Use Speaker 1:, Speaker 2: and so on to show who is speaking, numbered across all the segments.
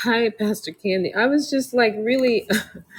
Speaker 1: Hi, Pastor Candy. I was just like really,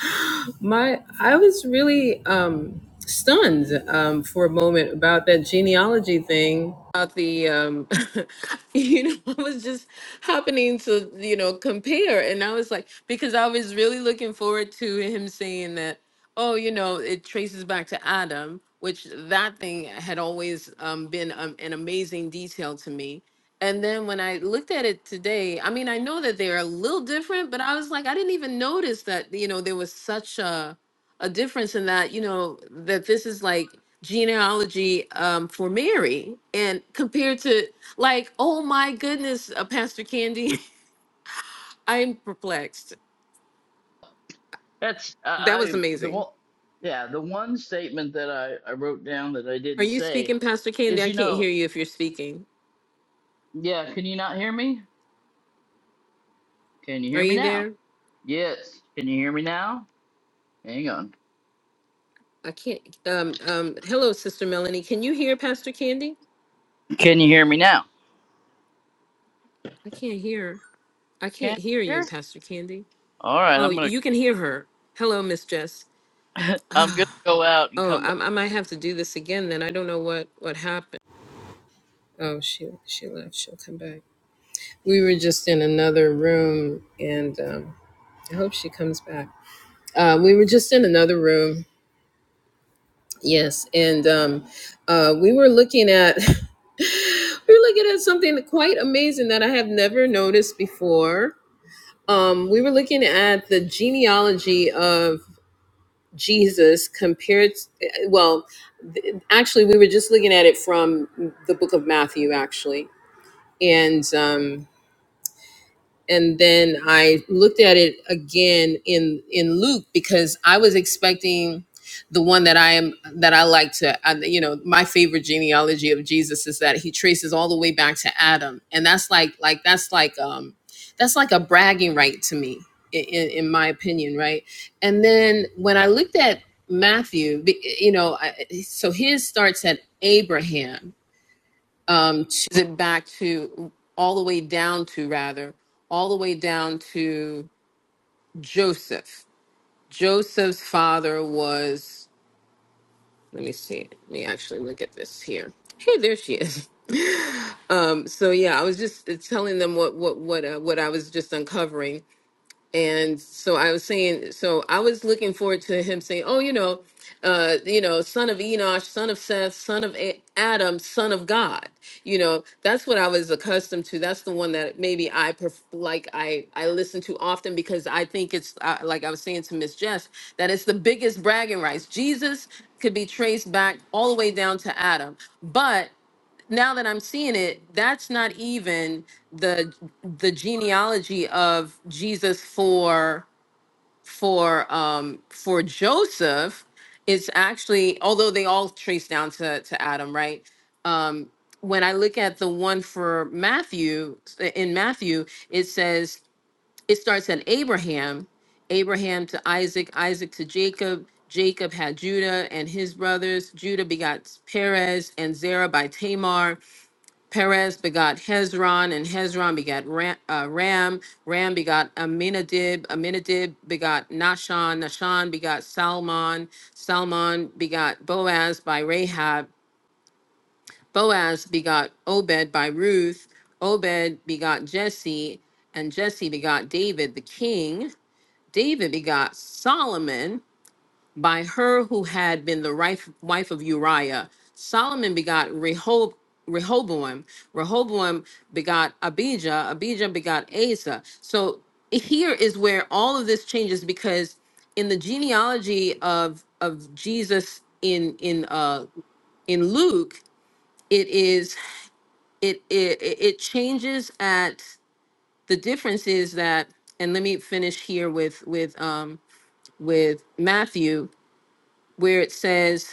Speaker 1: my I was really um, stunned um, for a moment about that genealogy thing. About the, um, you know, I was just happening to you know compare, and I was like, because I was really looking forward to him saying that, oh, you know, it traces back to Adam, which that thing had always um, been um, an amazing detail to me and then when I looked at it today, I mean, I know that they're a little different, but I was like, I didn't even notice that, you know, there was such a a difference in that, you know, that this is like genealogy um, for Mary and compared to like, oh my goodness, uh, Pastor Candy, I'm perplexed.
Speaker 2: That's I,
Speaker 1: That was
Speaker 2: I the
Speaker 1: amazing.
Speaker 2: one yeah the one statement that I I wrote down that I
Speaker 1: Are
Speaker 2: didn't
Speaker 1: you
Speaker 2: say
Speaker 1: speaking, Pastor Candy?
Speaker 2: is
Speaker 1: I
Speaker 2: you
Speaker 1: can't
Speaker 2: know
Speaker 1: hear you if you're speaking.
Speaker 2: yeah can you not hear me can you
Speaker 1: Are
Speaker 2: hear me
Speaker 1: you
Speaker 2: now
Speaker 1: there?
Speaker 2: yes can you hear me now hang on
Speaker 1: I can't. Um, um, hello, Sister Melanie. Can you hear Pastor Candy?
Speaker 2: can you hear me now
Speaker 1: I can't hear. her. I can't
Speaker 2: can't
Speaker 1: hear you,
Speaker 2: hear
Speaker 1: Pastor Candy.
Speaker 2: all right
Speaker 1: Oh,
Speaker 2: I'm gonna
Speaker 1: you can hear her. Hello, Miss Jess.
Speaker 2: I'm gonna go out and
Speaker 1: Oh,
Speaker 2: come
Speaker 1: I,
Speaker 2: back
Speaker 1: I might have to do this again then. I don't know what what happened. Oh, she she left. She'll come back. We were just in another room, and um, I hope she comes back. Uh, we were just in another room. Yes, and um, uh, we were looking at we were looking at something quite amazing that I have never noticed before. Um, we were looking at the genealogy of Jesus compared, well, th- actually, we were just looking at it from the book of Matthew, actually. And, um, and then I looked at it again in in Luke because I was expecting the one that I am that I like to I, you know my favorite genealogy of Jesus is that he traces all the way back to Adam and that's like like that's like um that's like a bragging right to me in, in, in my opinion right and then when I looked at Matthew be- you know I, so his starts at Abraham um, choose it back to all the way down to rather all the way down to Joseph. Joseph's father was. Let me see. Let me actually look at this here. Hey, there she is. Um, so yeah, I was just uh, telling them what what what uh, what I was just uncovering and so I was saying, so I was looking forward to him saying, "Oh, you know, uh, you know, son of Enosh, son of Seth, son of A- Adam, son of God." You know, that's what I was accustomed to. That's the one that maybe I pref- like. I I listen to often because I think it's uh, like I was saying to Miss Jess that it's the biggest bragging rights. Jesus could be traced back all the way down to Adam, but now that I'm seeing it, that's not even the the genealogy of Jesus for for um for Joseph. It's actually although they all trace down to to Adam, right? Um when I look at the one for Matthew in Matthew, it says it starts at Abraham, Abraham to Isaac, Isaac to Jacob. Jacob had Judah and his brothers. Judah begot Perez and Zerah by Tamar. Perez begot Hezron, and Hezron begot Ram. Uh, Ram. Ram begot Aminadab. Aminadab begot Nahshon. Nahshon begot Salmon. Salmon begot Boaz by Rahab. Boaz begot Obed by Ruth. Obed begot Jesse, and Jesse begot David the king. David begot Solomon. By her who had been the rife- wife of Uriah, Solomon begot Rehob- Rehoboam. Rehoboam begot Abijah. Abijah begot Asa. So here is where all of this changes because in the genealogy of of Jesus in in uh in Luke, it is it it it it changes at the difference is that and let me finish here with with um with Matthew where it says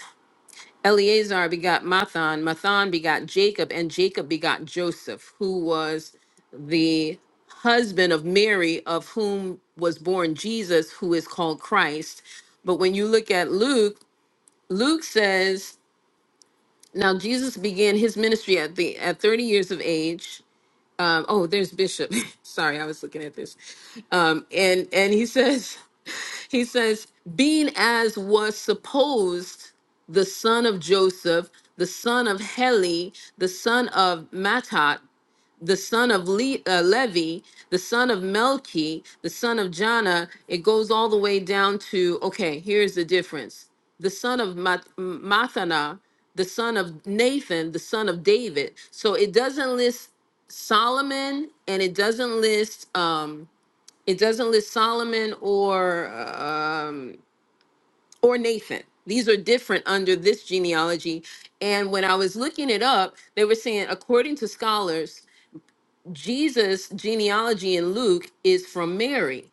Speaker 1: Eleazar begot Mathan, Mathan begot Jacob, and Jacob begot Joseph, who was the husband of Mary, of whom was born Jesus, who is called Christ. But when you look at Luke, Luke says, now Jesus began his ministry at the at 30 years of age. Um, oh, there's Bishop. Sorry, I was looking at this. Um, and and he says he says, being as was supposed the son of Joseph, the son of Heli, the son of Matat, the son of Le- uh, Levi, the son of Melchi, the son of Jana. It goes all the way down to, okay, here's the difference. The son of Mat- M- Mathana, the son of Nathan, the son of David. So it doesn't list Solomon and it doesn't list. um, it doesn't list Solomon or um, or Nathan. These are different under this genealogy. And when I was looking it up, they were saying, according to scholars, Jesus' genealogy in Luke is from Mary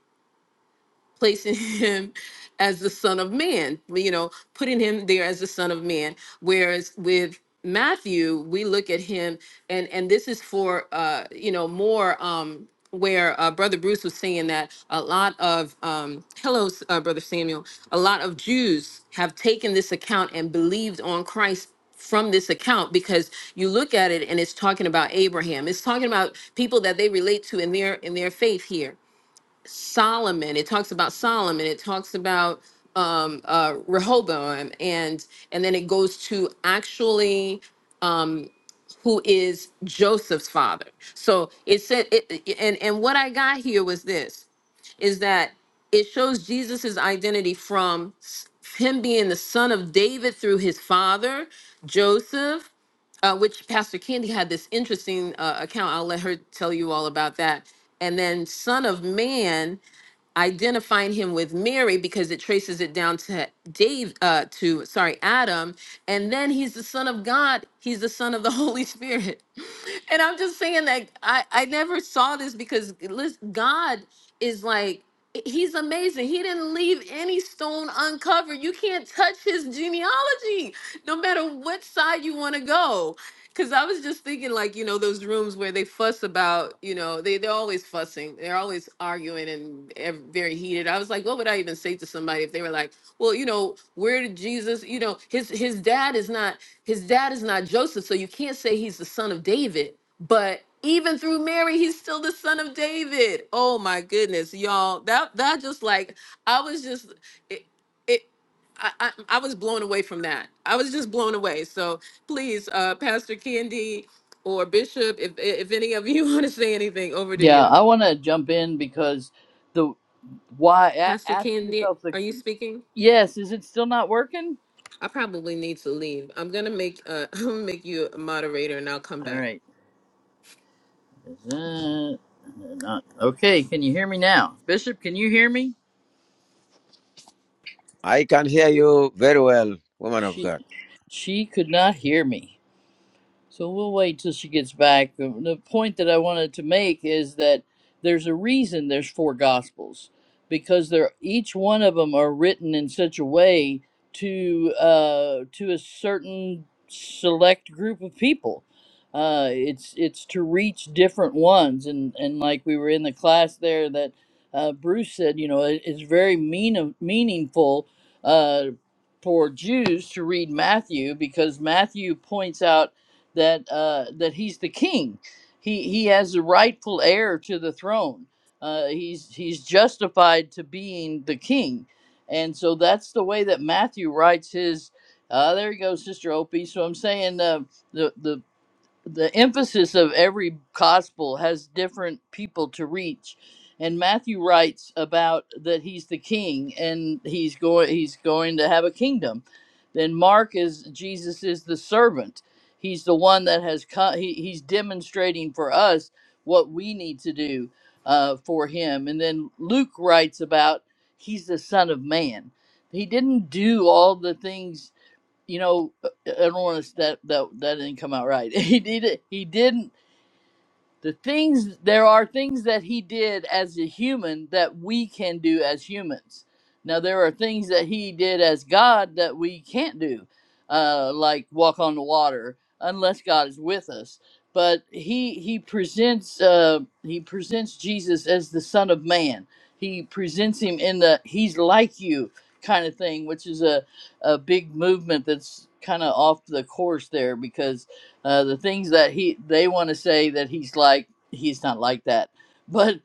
Speaker 1: placing him as the son of man, you know, putting him there as the son of man. Whereas with Matthew, we look at him and and this is for uh, you know, more um where uh, brother Bruce was saying that a lot of um hello uh, brother Samuel, a lot of Jews have taken this account and believed on Christ from this account because you look at it and it's talking about Abraham. It's talking about people that they relate to in their in their faith here Solomon. It talks about Solomon. It talks about um, uh, Rehoboam, and and then it goes to actually um, who is Joseph's father. So it said, it, it- and and what I got here was this: is that it shows Jesus's identity from s- him being the son of David through his father Joseph, uh, which Pastor Candy had this interesting uh, account. I'll let her tell you all about that. And then son of man identifying him with Mary because it traces it down to Dave uh to sorry Adam and then he's the son of God he's the son of the Holy Spirit and I'm just saying that I, I never saw this because listen, God is like he's amazing. He didn't leave any stone uncovered. You can't touch his genealogy, no matter what side you want to go. Cause I was just thinking, like you know, those rooms where they fuss about, you know, they they're always fussing, they're always arguing and ev- very heated. I was like, what would I even say to somebody if they were like? well you know where did jesus you know his his dad is not his dad is not joseph so you can't say he's the son of david but even through mary he's still the son of david oh my goodness y'all that that just like i was just it, it I, I, I was blown away from that. I was just blown away. So please, uh, Pastor Candy or Bishop, if if any of you want to say anything, over to
Speaker 2: yeah
Speaker 1: you.
Speaker 2: I want to jump in because the why a-
Speaker 1: Pastor
Speaker 2: ask
Speaker 1: Candy,
Speaker 2: yourself the
Speaker 1: are you speaking?
Speaker 2: yes is it still not working
Speaker 1: I probably need to leave. I'm gonna make uh I'm gonna make you a moderator and I'll come
Speaker 2: all
Speaker 1: back.
Speaker 2: right is that not okay can you hear me now Bishop can you hear me
Speaker 3: I can hear you very well, woman of
Speaker 2: She
Speaker 3: God.
Speaker 2: she could not hear me. So we'll wait till she gets back. The the point that I wanted to make is that there's a reason there's four gospels because they're each one of them are written in such a way to uh, to a certain select group of people. Uh, it's it's to reach different ones and and like we were in the class there that uh, Bruce said, you know, it, it's very mean meaningful uh, for Jews to read Matthew because Matthew points out that uh, that he's the king. He he has the rightful heir to the throne. Uh, he's he's justified to being the king, and so that's the way that Matthew writes his. Uh, there you go, Sister Opie. So I'm saying uh, the the the emphasis of every gospel has different people to reach and matthew writes about that he's the king and he's going he's going to have a kingdom then mark is jesus is the servant he's the one that has come he, he's demonstrating for us what we need to do uh, for him and then luke writes about he's the son of man he didn't do all the things you know, I don't want to that that that didn't come out right. He did it. He didn't the things there are things that he did as a human that we can do as humans now there are things that he did as god that we can't do uh, like walk on the water unless god is with us but he he presents uh, he presents jesus as the son of man he presents him in the he's like you kind of thing which is a, a big movement that's kind of off the course there because uh, the things that he they want to say that he's like he's not like that but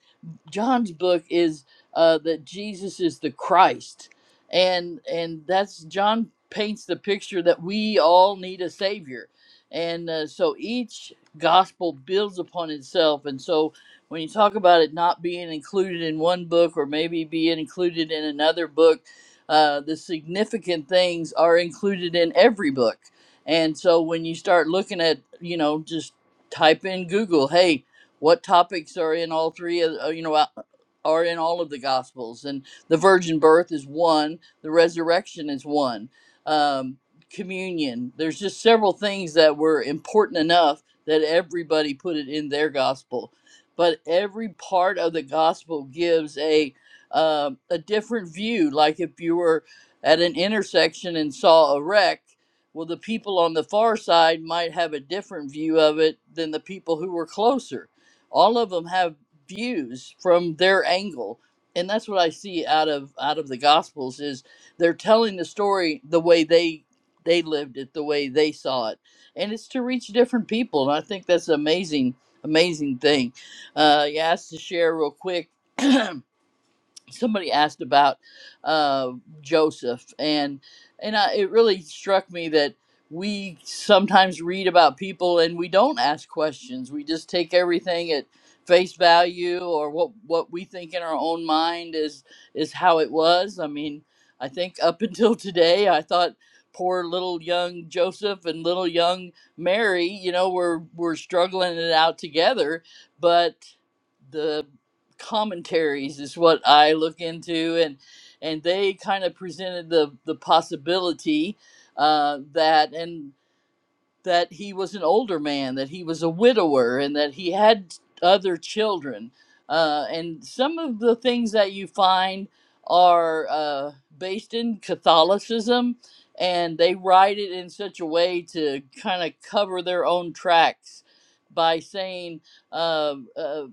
Speaker 2: john's book is uh, that jesus is the christ and and that's john paints the picture that we all need a savior and uh, so each gospel builds upon itself and so when you talk about it not being included in one book or maybe being included in another book uh, the significant things are included in every book and so when you start looking at, you know, just type in Google, hey, what topics are in all three of, uh, you know, uh, are in all of the Gospels? And the virgin birth is one, the resurrection is one, um, communion. There's just several things that were important enough that everybody put it in their Gospel. But every part of the Gospel gives a, um a different view. Like if you were at an intersection and saw a wreck, well, the people on the far side might have a different view of it than the people who were closer. All of them have views from their angle, and that's what I see out of out of the Gospels is they're telling the story the way they they lived it, the way they saw it, and it's to reach different people. And I think that's an amazing, amazing thing. Uh, you asked to share real quick. somebody asked about uh, Joseph, and and I, it really struck me that we sometimes read about people and we don't ask questions. We just take everything at face value or what what we think in our own mind is is how it was. I mean, I think up until today, I thought poor little young Joseph and little young Mary, you know, were were struggling it out together, but. the commentaries is what I look into, and and they kind of presented the the possibility uh, that and that he was an older man, that he was a widower, and that he had other children. Uh, and some of the things that you find are uh, based in Catholicism, and they write it in such a way to kind of cover their own tracks by saying, uh, uh,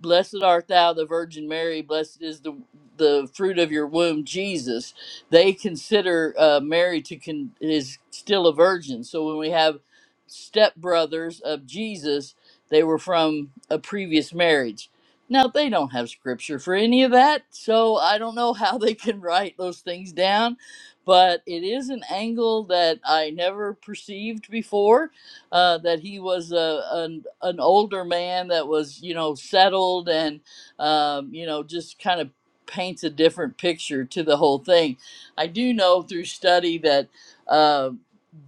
Speaker 2: Blessed art thou, the Virgin Mary, blessed is the the fruit of your womb, Jesus. They consider uh, Mary to con- is still a virgin. So when we have stepbrothers of Jesus, they were from a previous marriage. Now, they don't have scripture for any of that, so I don't know how they can write those things down, but it is an angle that I never perceived before uh, that he was a, an, an older man that was, you know, settled and, um, you know, just kind of paints a different picture to the whole thing. I do know through study that. uh,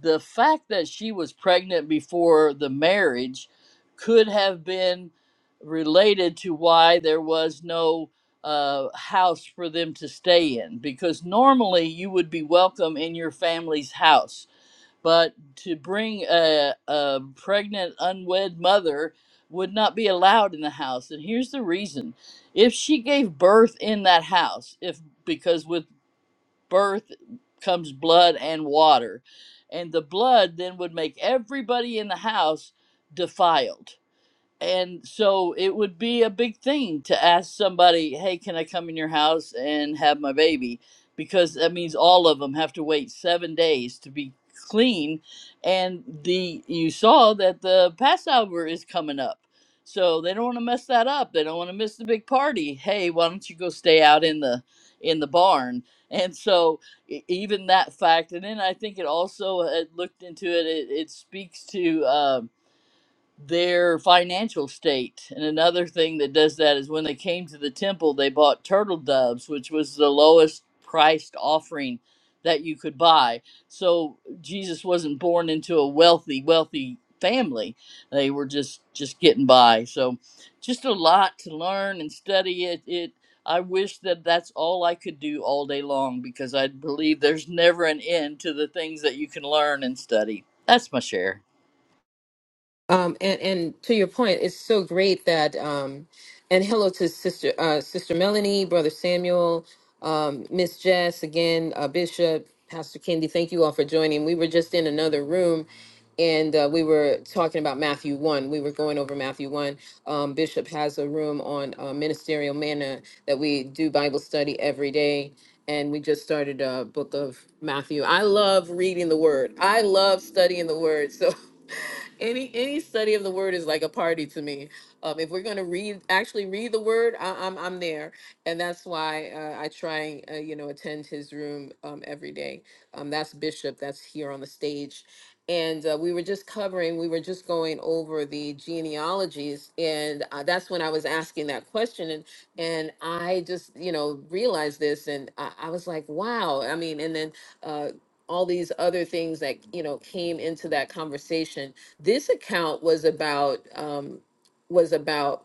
Speaker 2: the fact that she was pregnant before the marriage could have been related to why there was no uh, house for them to stay in, because normally you would be welcome in your family's house. But to bring a, a pregnant, unwed mother would not be allowed in the house. And here's the reason if she gave birth in that house, if because with birth comes blood and water. And the blood then would make everybody in the house defiled and so it would be a big thing to ask somebody, "Hey, can I come in your house and have my baby?" Because that means all of them have to wait seven days to be clean, and the you saw that the Passover is coming up, so they don't want to mess that up. They don't want to miss the big party. Hey, why don't you go stay out in the in the barn? And so e- even that fact, and then I think it also uh looked into it. It, it speaks to. Um, their financial state. And another thing that does that is when they came to the temple, they bought turtle doves, which was the lowest priced offering that you could buy. So Jesus wasn't born into a wealthy, wealthy family. They were just just getting by. So just a lot to learn and study it. It I wish that that's all I could do all day long because I believe there's never an end to the things that you can learn and study. That's my share.
Speaker 1: Um, and, and to your point, it's so great that, um, and hello to sister, uh, sister Melanie, brother Samuel, um, Miss Jess, again, uh, Bishop, Pastor Kendi, thank you all for joining. We were just in another room and uh, we were talking about Matthew 1. We were going over Matthew 1. Um, Bishop has a room on uh, ministerial manna that we do Bible study every day. And we just started a book of Matthew. I love reading the word, I love studying the word. So any any study of the word is like a party to me. Um, if we're going to read, actually read the word, I, I'm I'm there, and that's why uh, I try, uh, you know, attend his room um, every day. Um, that's Bishop. That's here on the stage, and uh, we were just covering. We were just going over the genealogies, and uh, that's when I was asking that question, and and I just you know realized this, and I, I was like, wow. I mean, and then. Uh, all these other things that you know came into that conversation this account was about um was about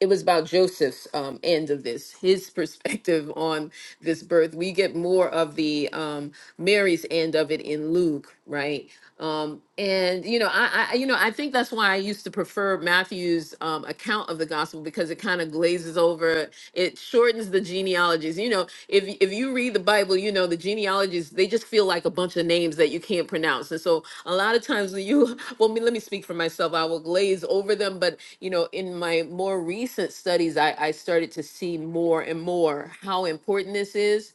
Speaker 1: it was about joseph's um end of this his perspective on this birth we get more of the um mary's end of it in luke right um and you know i i you know i think that's why i used to prefer matthew's um account of the gospel because it kind of glazes over it shortens the genealogies you know if if you read the bible you know the genealogies they just feel like a bunch of names that you can't pronounce and so a lot of times when you well me, let me speak for myself i will glaze over them but you know in my more recent studies I, I started to see more and more how important this is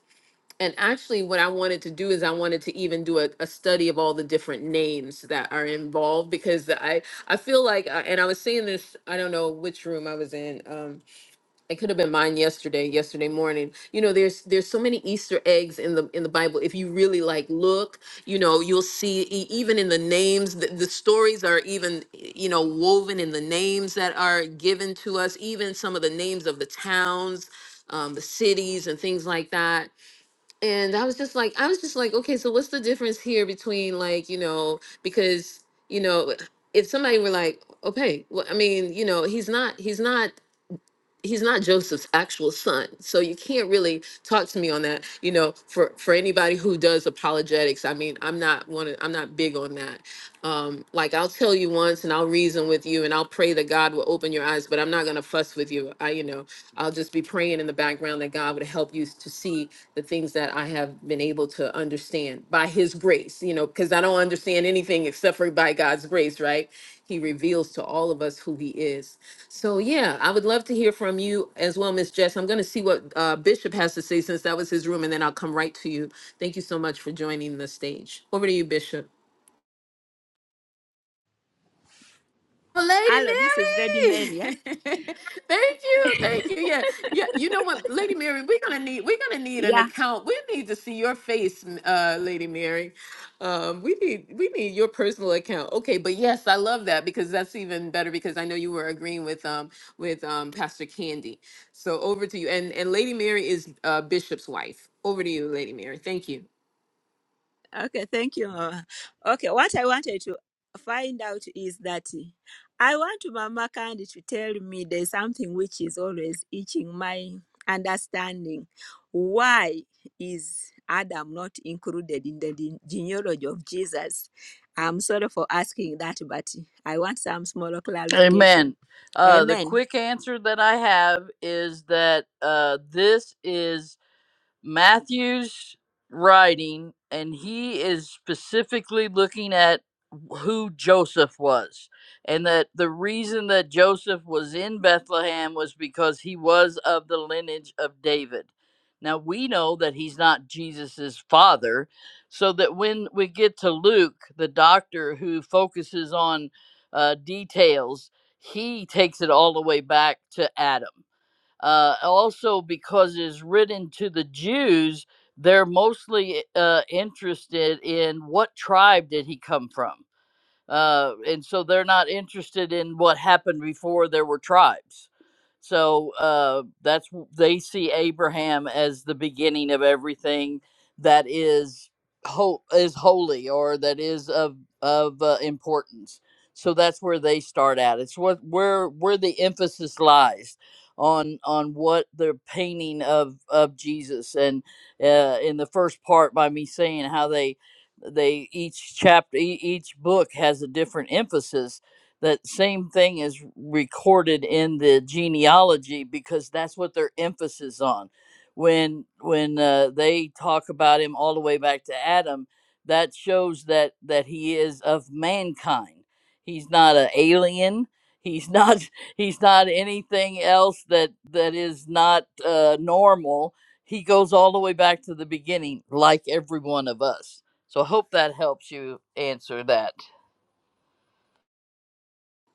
Speaker 1: and actually what i wanted to do is i wanted to even do a, a study of all the different names that are involved because i i feel like uh, and i was seeing this i don't know which room i was in Um, it could have been mine yesterday yesterday morning you know there's there's so many easter eggs in the in the bible if you really like look you know you'll see e- even in the names the, the stories are even you know woven in the names that are given to us even some of the names of the towns um, the cities and things like that and i was just like i was just like okay so what's the difference here between like you know because you know if somebody were like okay well, i mean you know he's not he's not he's not Joseph's actual son. So you can't really talk to me on that. You know, for for anybody who does apologetics, I mean, I'm not one. of- I'm not big on that. Um, like I'll tell you once, and I'll reason with you, and I'll pray that God will open your eyes. But I'm not gonna fuss with you. I, you know, I'll just be praying in the background that God would help you to see the things that I have been able to understand by His grace. You know, because I don't understand anything except for by God's grace, right? He reveals to all of us who He is. So yeah, I would love to hear from you as well, Miss Jess. I'm going to see what uh, Bishop has to say since that was his room, and then I'll come right to you. Thank you so much for joining the stage. Over to you, Bishop. Well, Lady
Speaker 3: Hello, this is Ready
Speaker 1: Mary.
Speaker 3: Mary. Yeah.
Speaker 1: thank you, thank you. Yeah, yeah. You know what, Lady Mary, we're gonna need we're gonna need an
Speaker 3: Yeah.
Speaker 1: account. We need to see your face, m- uh, Lady Mary. Um, we need we need your personal account. Okay, but yes, I love that because that's even better because I know you were agreeing with um with um Pastor Candy. So over to you, and and Lady Mary is uh, Bishop's wife. Over to you, Lady Mary. Thank you.
Speaker 3: Okay. Thank you, Mama. Okay. What I wanted to find out is that I want Mama Candy to tell me there's something which is always itching my understanding. Why is Adam not included in the gene- genealogy of Jesus? I'm sorry for asking that, but I want some smaller clarification.
Speaker 2: Amen. Uh, the
Speaker 3: Amen.
Speaker 2: quick answer that I have is that uh, this is Matthew's writing, and he is specifically looking at who Joseph was, and that the reason that Joseph was in Bethlehem was because he was of the lineage of David. Now we know that he's not Jesus's father, so that when we get to Luke, the doctor who focuses on uh, details, he takes it all the way back to Adam. Uh, also, because it's written to the Jews, they're mostly uh, interested in what tribe did he come from uh, and so they're not interested in what happened before there were tribes. So uh, that's w- they see Abraham as the beginning of everything that is ho- is holy or that is of of uh, importance. So that's where they start at. It's what where where the emphasis lies on on what the painting of of Jesus and uh, in the first part by me saying how they they each chapter e- each book has a different emphasis that same thing is recorded in the genealogy because that's what their emphasis on when when uh, they talk about him all the way back to adam that shows that that he is of mankind he's not an alien he's not he's not anything else that that is not uh, normal he goes all the way back to the beginning like every one of us so I hope that helps you answer that.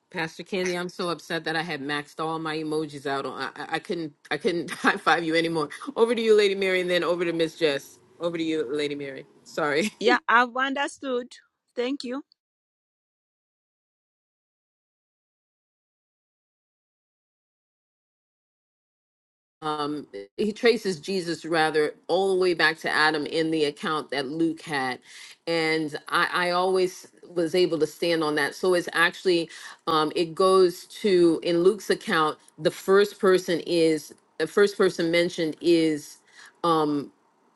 Speaker 1: Pastor Candy, I'm so upset that I had maxed all my emojis out. On I, I I couldn't I couldn't high five you anymore. Over to you, Lady Mary, and then over to Miss Jess. Over to you, Lady Mary. Sorry.
Speaker 3: Yeah, I've understood. Thank you.
Speaker 1: Um, he traces Jesus rather all the way back to Adam in the account that Luke had, and I, I always was able to stand on that. So it's actually um, it goes to in Luke's account the first person is the first person mentioned is. Um,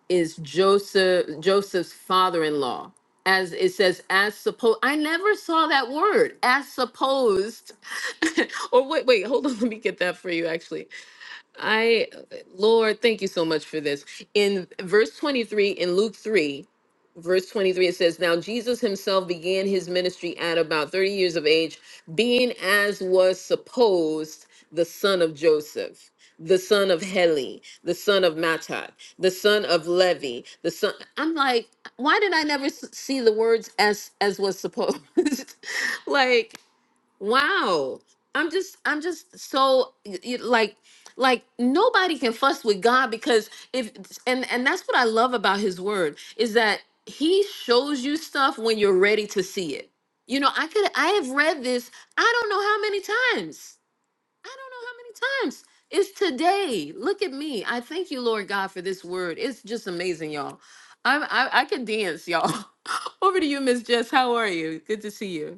Speaker 1: is Joseph Joseph's father-in-law. As it says, as supposed. I never saw that word, as supposed. or wait, wait, hold on. Let me get that for you. Actually, I, Lord, thank you so much for this. In verse 23, in Luke 3, verse 23, it says, Now Jesus himself began his ministry at about 30 years of age, being as was supposed the son of Joseph, the son of Heli, the son of Matat, the son of Levi, the son. I'm like, why did I never s- see the words as as was supposed? like, Wow. I'm just I'm just so y- y- like like nobody can fuss with God because if and and that's what I love about his word is that he shows you stuff when you're ready to see it. You know, I could I have read this I don't know how many times. I don't know how many times. It's today. Look at me. I thank you, Lord God, for this word. It's just amazing, y'all. I'm I, I can dance, y'all. Over to you, Miss Jess. How are you? Good to see you.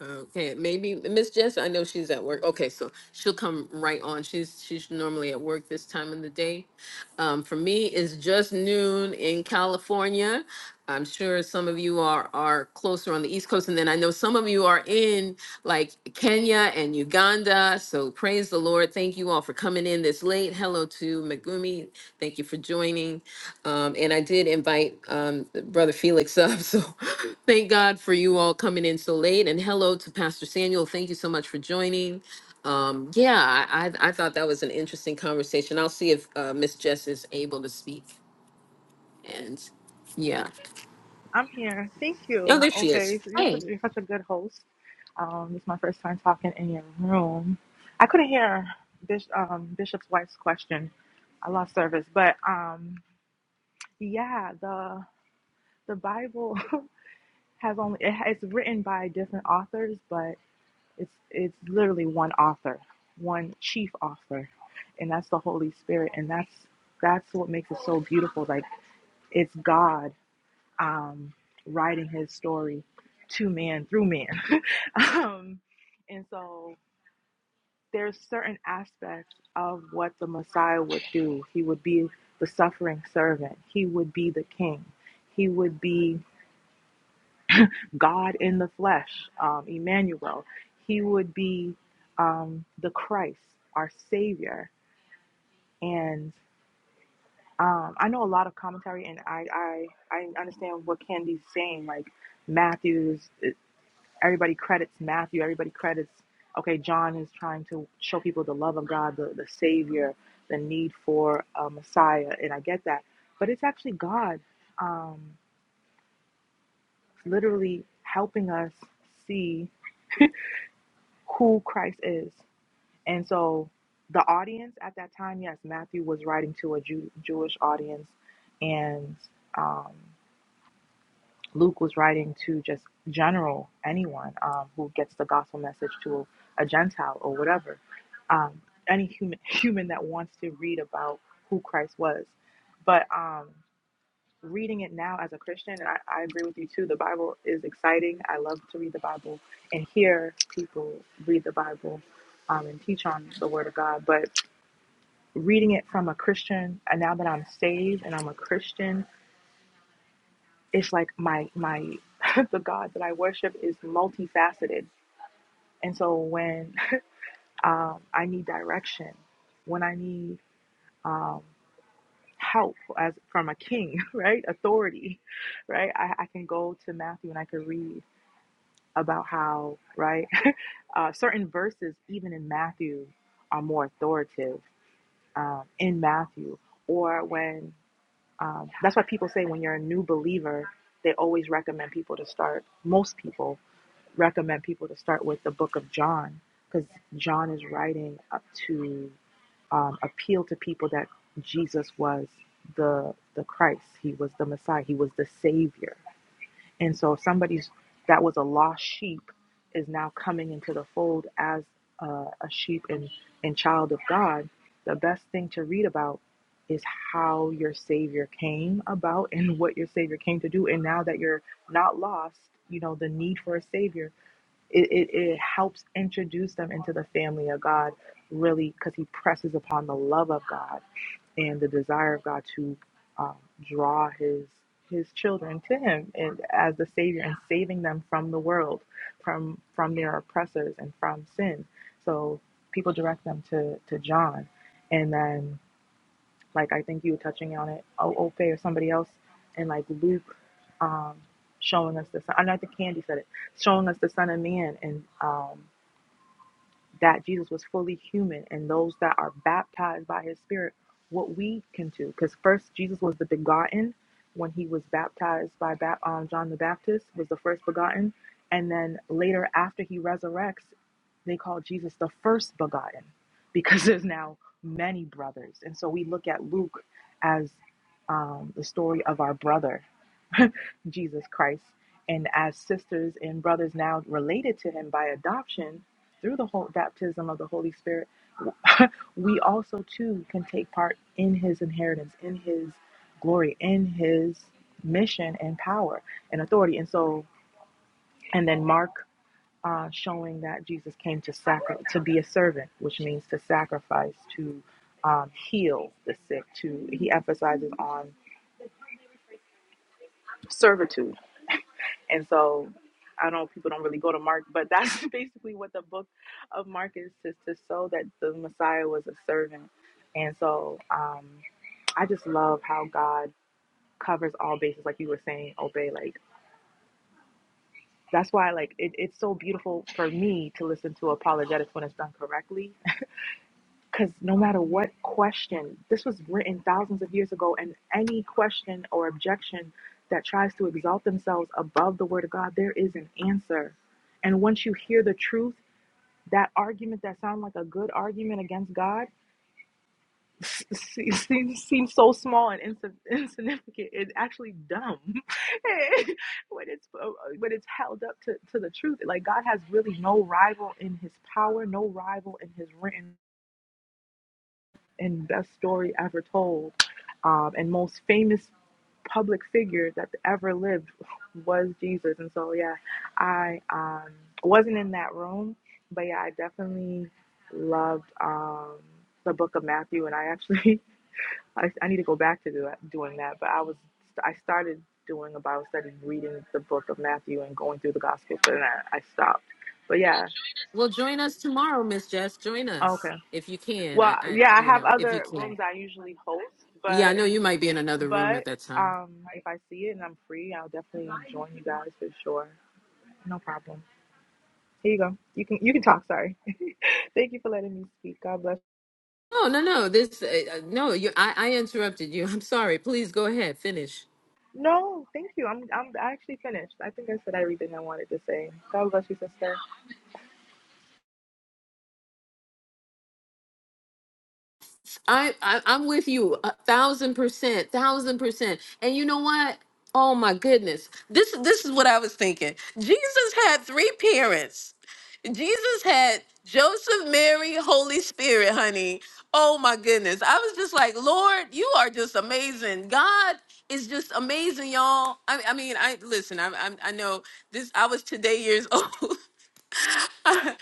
Speaker 1: Okay, maybe Miss Jess, I know she's at work. Okay, so she'll come right on. She's she's normally at work this time of the day. Um, for me, it's just noon in California. I'm sure some of you are are closer on the East Coast, and then I know some of you are in like Kenya and Uganda. So praise the Lord. Thank you all for coming in this late. Hello to Megumi. Thank you for joining. Um, and I did invite um, Brother Felix up. So thank God for you all coming in so late. And hello to Pastor Samuel. Thank you so much for joining. Um, yeah, I, I, I thought that was an interesting conversation. I'll see if uh, Miss Jess is able to speak. And yeah.
Speaker 4: I'm here. Thank
Speaker 1: Oh,
Speaker 4: you.
Speaker 1: there she is.
Speaker 4: Okay, so you're such,
Speaker 1: Hey,
Speaker 4: you're such a good host. Um, it's my first time talking in your room. I couldn't hear Bish, um, Bishop's wife's question. I lost service, but um, yeah, the the Bible has only it, it's written by different authors, but it's it's literally one author, one chief author, and that's the Holy Spirit, and that's that's what makes it so beautiful. Like it's God um, writing his story to man through man. Um, and so there's certain aspects of what the Messiah would do. He would be the suffering servant. He would be the king. He would be God in the flesh, um, Emmanuel. He would be um, the Christ, our Savior. And um, I know a lot of commentary, and I, I I understand what Candy's saying. Like Matthew's Everybody credits Matthew. Everybody credits, okay, John is trying to show people the love of God, the, the Savior, the need for a Messiah. And I get that. But it's actually God um, literally helping us see who Christ is. And so the audience at that time, yes, Matthew was writing to a Jew, Jewish audience. And um, Luke was writing to just general anyone um, who gets the gospel message to a, Gentile or whatever, um, any human human that wants to read about who Christ was. But um, reading it now as a Christian, and I, I agree with you too. The Bible is exciting. I love to read the Bible and hear people read the Bible um, and teach on the Word of God. But reading it from a Christian, and now that I'm saved and I'm a Christian it's like my my the God that I worship is multifaceted. And so when um, I need direction, when I need um, help as from a king, right, authority, right, I, I can go to Matthew and I can read about how right uh, certain verses even in Matthew are more authoritative um, in Matthew, or when um, that's why people say when you're a new believer, they always recommend people to start most people recommend people to start with the book of John because John is writing up to um, appeal to people that Jesus was the the Christ. He was the Messiah. He was the Savior. And so if somebody's that was a lost sheep is now coming into the fold as a, a sheep and, and child of God. The best thing to read about is how your Savior came about and what your Savior came to do. And now that you're not lost, you know the need for a Savior it, it, it helps introduce them into the family of God, really, because he presses upon the love of God and the desire of God to um, draw his his children to him and as the savior and saving them from the world, from from their oppressors and from sin. So people direct them to to John, and then like I think you were touching on it, O- Ofe or somebody else, and like Luke um, showing us the son. I know I think Candy said it, showing us the Son of Man, and um, that Jesus was fully human, and those that are baptized by His Spirit, what we can do, because first Jesus was the begotten when He was baptized by Bap- um, John the Baptist was the first begotten, and then later after He resurrects. They call Jesus the first begotten because there's now many brothers. And so we look at Luke as um, the story of our brother, Jesus Christ. And as sisters and brothers now related to him by adoption through the whole baptism of the Holy Spirit, we also too can take part in his inheritance, in his glory, in his mission and power and authority. And so, and then Mark uh, showing that Jesus came to sacri- to be a servant, which means to sacrifice, to um, heal the sick. To he emphasizes on servitude, and so I know people don't really go to Mark, but that's basically what the book of Mark is to, to show that the Messiah was a servant. And so um, I just love how God covers all bases, like you were saying, obey. Like that's why, like it, it's so beautiful for me to listen to apologetics when it's done correctly Because no matter what question, this was written thousands of years ago, and any question or objection that tries to exalt themselves above the word of God, there is an answer. And once you hear the truth, that argument that sounds like a good argument against God seems, seems so small and insi- insignificant. It's actually dumb when it's uh, when it's held up to, to the truth. Like God has really no rival in His power, no rival in His written and best story ever told, um, and most famous public figure that ever lived was Jesus. And so, yeah, I um, wasn't in that room, but yeah, I definitely loved um, the Book of Matthew, and I actually I, I need to go back to do that, doing that. But I was I started doing a Bible study, reading the Book of Matthew and going through the Gospels, but then I, I stopped. But yeah,
Speaker 1: well, join us tomorrow, Miss Jess. Join us
Speaker 4: okay.
Speaker 1: if you can.
Speaker 4: Well,
Speaker 1: I, I,
Speaker 4: yeah, I
Speaker 1: you
Speaker 4: have
Speaker 1: know, if you
Speaker 4: other
Speaker 1: can.
Speaker 4: rooms I usually host,
Speaker 1: Yeah, I
Speaker 4: but
Speaker 1: know you might be in another room at
Speaker 4: But
Speaker 1: that time.
Speaker 4: um, if I see it and I'm free, I'll definitely join you guys for sure. No problem. Here you go. You can you can talk. Sorry. Thank you for letting me speak. God bless.
Speaker 1: No, no, no. This uh, uh, no. You, I, I interrupted you. I'm sorry. Please go ahead. Finish.
Speaker 4: No, thank you. I'm I'm actually finished. I think I said everything I wanted to say. God bless you, sister.
Speaker 1: I, I I'm with you a thousand percent, thousand percent. And you know what? Oh my goodness. This this is what I was thinking. Jesus had three parents. Jesus had Joseph, Mary, Holy Spirit, honey. Oh my goodness. I was just like, Lord, you are just amazing. God is just amazing, y'all. I, I mean, I listen. I, I I know this. I was today years old. I,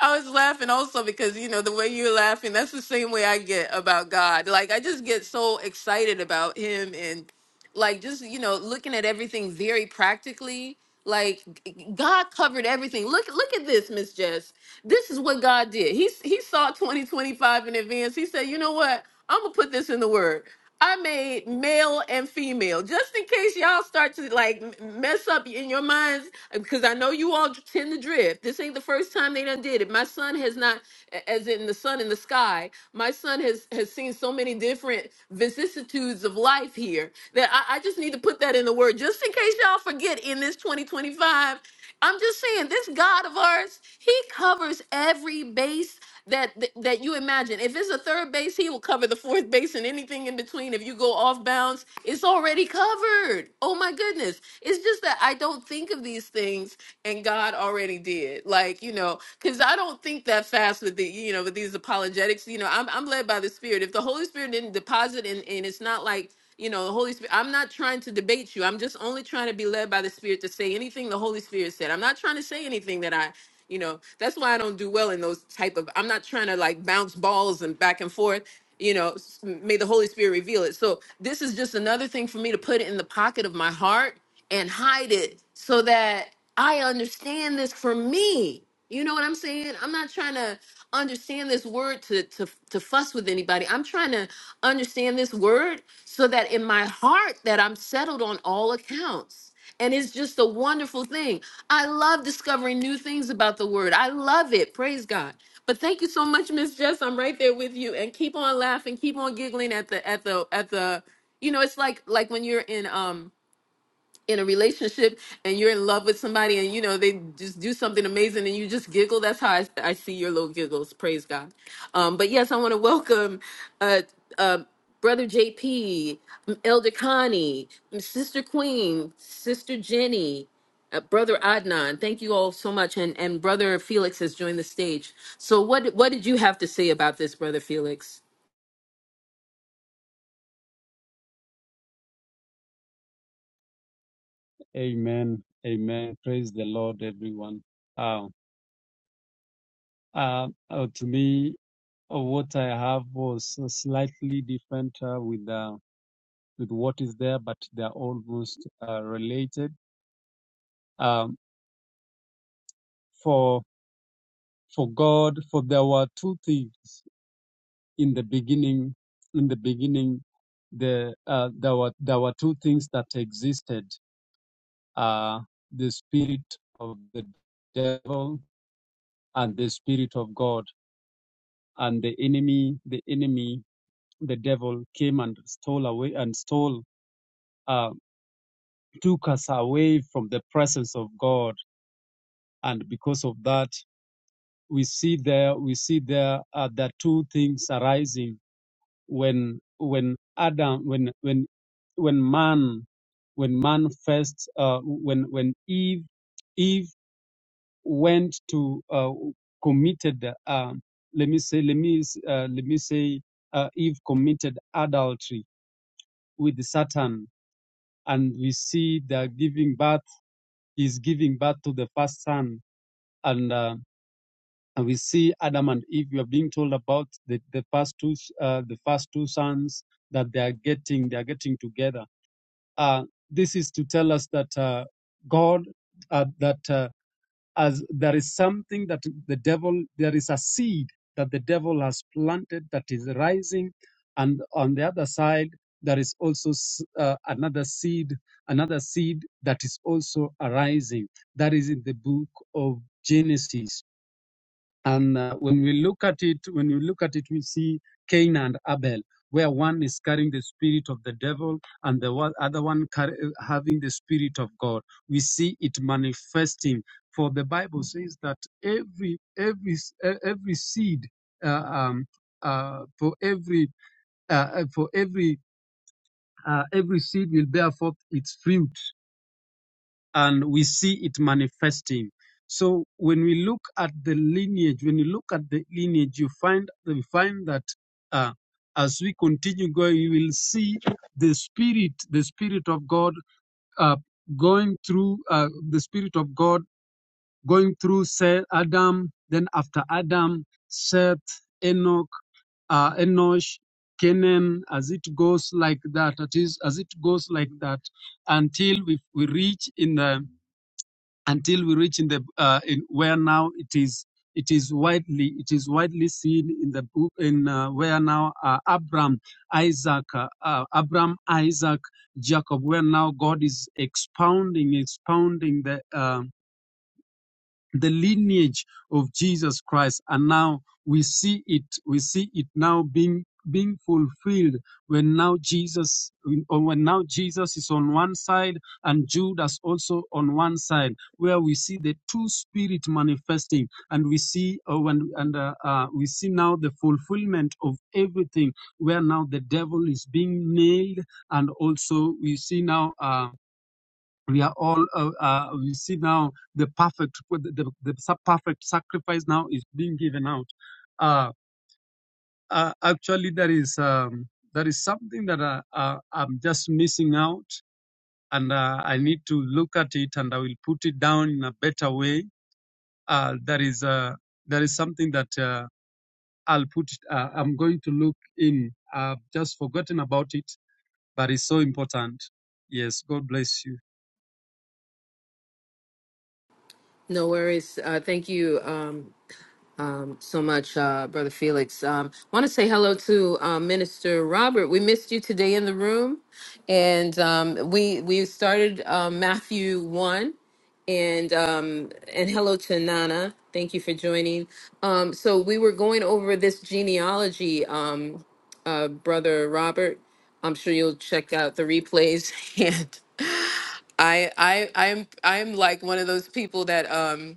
Speaker 1: I was laughing also because you know the way you're laughing that's the same way I get about God. Like I just get so excited about him and like just you know looking at everything very practically. Like g- g- God covered everything. Look look at this, Miss Jess. This is what God did. He s- he saw 2025 in advance. He said, "You know what? I'm going to put this in the word. I made male and female, just in case y'all start to like m- mess up in your minds, because I know you all tend to drift. This ain't the first time they done did it. My son has not, a- as in the sun in the sky. My son has has seen so many different vicissitudes of life here that I, I just need to put that in the word, just in case y'all forget. In this 2025, I'm just saying this God of ours, He covers every base that that that you imagine. If it's a third base, he will cover the fourth base and anything in between. If you go off bounds, it's already covered. Oh my goodness. It's just that I don't think of these things and God already did. Like, you know, cuz I don't think that fast with the you know, with these apologetics, you know, I'm I'm led by the spirit. If the Holy Spirit didn't deposit and and it's not like you know the holy spirit i'm not trying to debate you i'm just only trying to be led by the spirit to say anything the holy spirit said i'm not trying to say anything that i you know that's why i don't do well in those type of i'm not trying to like bounce balls and back and forth you know s- may the holy spirit reveal it so this is just another thing for me to put it in the pocket of my heart and hide it so that i understand this for me you know what I'm saying? I'm not trying to understand this word to to to fuss with anybody. I'm trying to understand this word so that in my heart that I'm settled on all accounts. And it's just a wonderful thing. I love discovering new things about the word. I love it. Praise God. But thank you so much, Miss Jess. I'm right there with you. And keep on laughing, keep on giggling at the at the at the you know, it's like like when you're in um in a relationship and you're in love with somebody and you know they just do something amazing and you just giggle that's how i, I see your little giggles praise god um, but yes i want to welcome uh, uh, brother jp um, elder connie um, sister queen sister jenny uh, brother adnan thank you all so much and and brother felix has joined the stage so what what did you have to say about this brother felix
Speaker 5: Amen. Amen. Praise the Lord, everyone. Uh, uh, uh, to me, uh, what I have was slightly different uh, with uh, with what is there, but they are almost uh, related. Um, for for God, for there were two things in the beginning. In the beginning, the uh, there were there were two things that existed: uh, the spirit of the devil and the spirit of God and the enemy, the enemy, the devil came and stole away and stole, uh, took us away from the presence of God. And because of that, we see there, we see there are the two things arising when, when Adam, when, when, when man, when man first, uh, when, when Eve, Eve went to, uh, committed, um let me say, let me, uh, let me say, uh, Eve committed adultery with Satan, and we see the giving birth is giving birth to the first son, and uh, and we see Adam and Eve. We are being told about the, the first two uh, the first two sons that they are getting they are getting together. Uh, this is to tell us that uh, God uh, that uh, as there is something that the devil, there is a seed that the devil has planted that is rising. And on the other side, there is also s- uh, another seed, another seed that is also arising. That is in the book of Genesis. And uh, when we look at it, when we look at it, we see Cain and Abel, where one is carrying the spirit of the devil and the one, other one carry, having the spirit of God. We see it manifesting. For the Bible says that every every s- e- every seed uh, um, uh, for every uh, uh, for every uh, every seed will bear forth its fruit and we see it manifesting. So when we look at the lineage, when you look at the lineage, you find we find that uh, as we continue going, you will see the spirit, the spirit of God, uh, going through uh, the spirit of God going through Seth, Adam, then after Adam, Seth, Enoch, uh, Enosh, Kenan, as it goes like that. It is as it goes like that until we, we reach in the until we reach in the uh, in where now it is it is widely it is widely seen in the book in uh, where now uh, Abraham Isaac uh, uh, Abraham Isaac Jacob where now God is expounding expounding the um the lineage of Jesus Christ. And now we see it, we see it now being being fulfilled when now Jesus or when now Jesus is on one side and Judas also on one side where we see the two spirit manifesting and we see oh, and, and uh, uh, we see now the fulfillment of everything where now the devil is being nailed and also we see now uh, we are all uh, uh, we see now the perfect the, the the perfect sacrifice now is being given out uh, uh actually there is um there is something that I, uh, i'm just missing out and uh, i need to look at it and i will put it down in a better way uh there is uh there is something that uh, i'll put it, uh, i'm going to look in i've just forgotten about it but it's so important yes god bless you
Speaker 1: no worries uh, thank you um um, so much, uh, Brother Felix. Um, want to say hello to um, Minister Robert. We missed you today in the room, and um, we we started um, Matthew one, and um, and hello to Nana. Thank you for joining. Um, so we were going over this genealogy, um, uh, Brother Robert. I'm sure you'll check out the replays. And I I I'm I'm like one of those people that um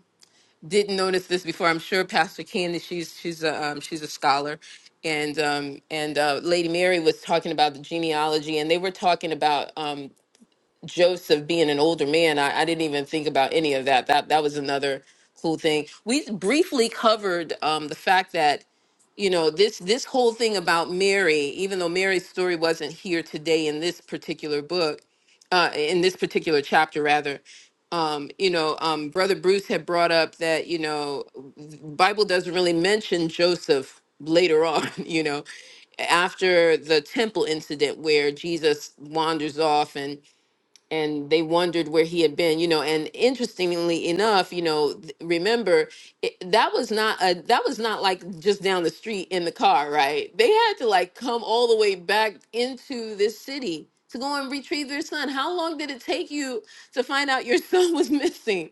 Speaker 1: didn't notice this before. I'm sure Pastor Candy, she's she's a um, she's a scholar, and um, and uh, Lady Mary was talking about the genealogy, and they were talking about um, Joseph being an older man. I, I didn't even think about any of that. That that was another cool thing. We briefly covered um, the fact that you know this this whole thing about mary even though mary's story wasn't here today in this particular book uh in this particular chapter rather um you know um brother bruce had brought up that you know the bible doesn't really mention joseph later on you know after the temple incident where jesus wanders off and and they wondered where he had been you know and interestingly enough you know th- remember it, that was not a that was not like just down the street in the car right they had to like come all the way back into this city to go and retrieve their son how long did it take you to find out your son was missing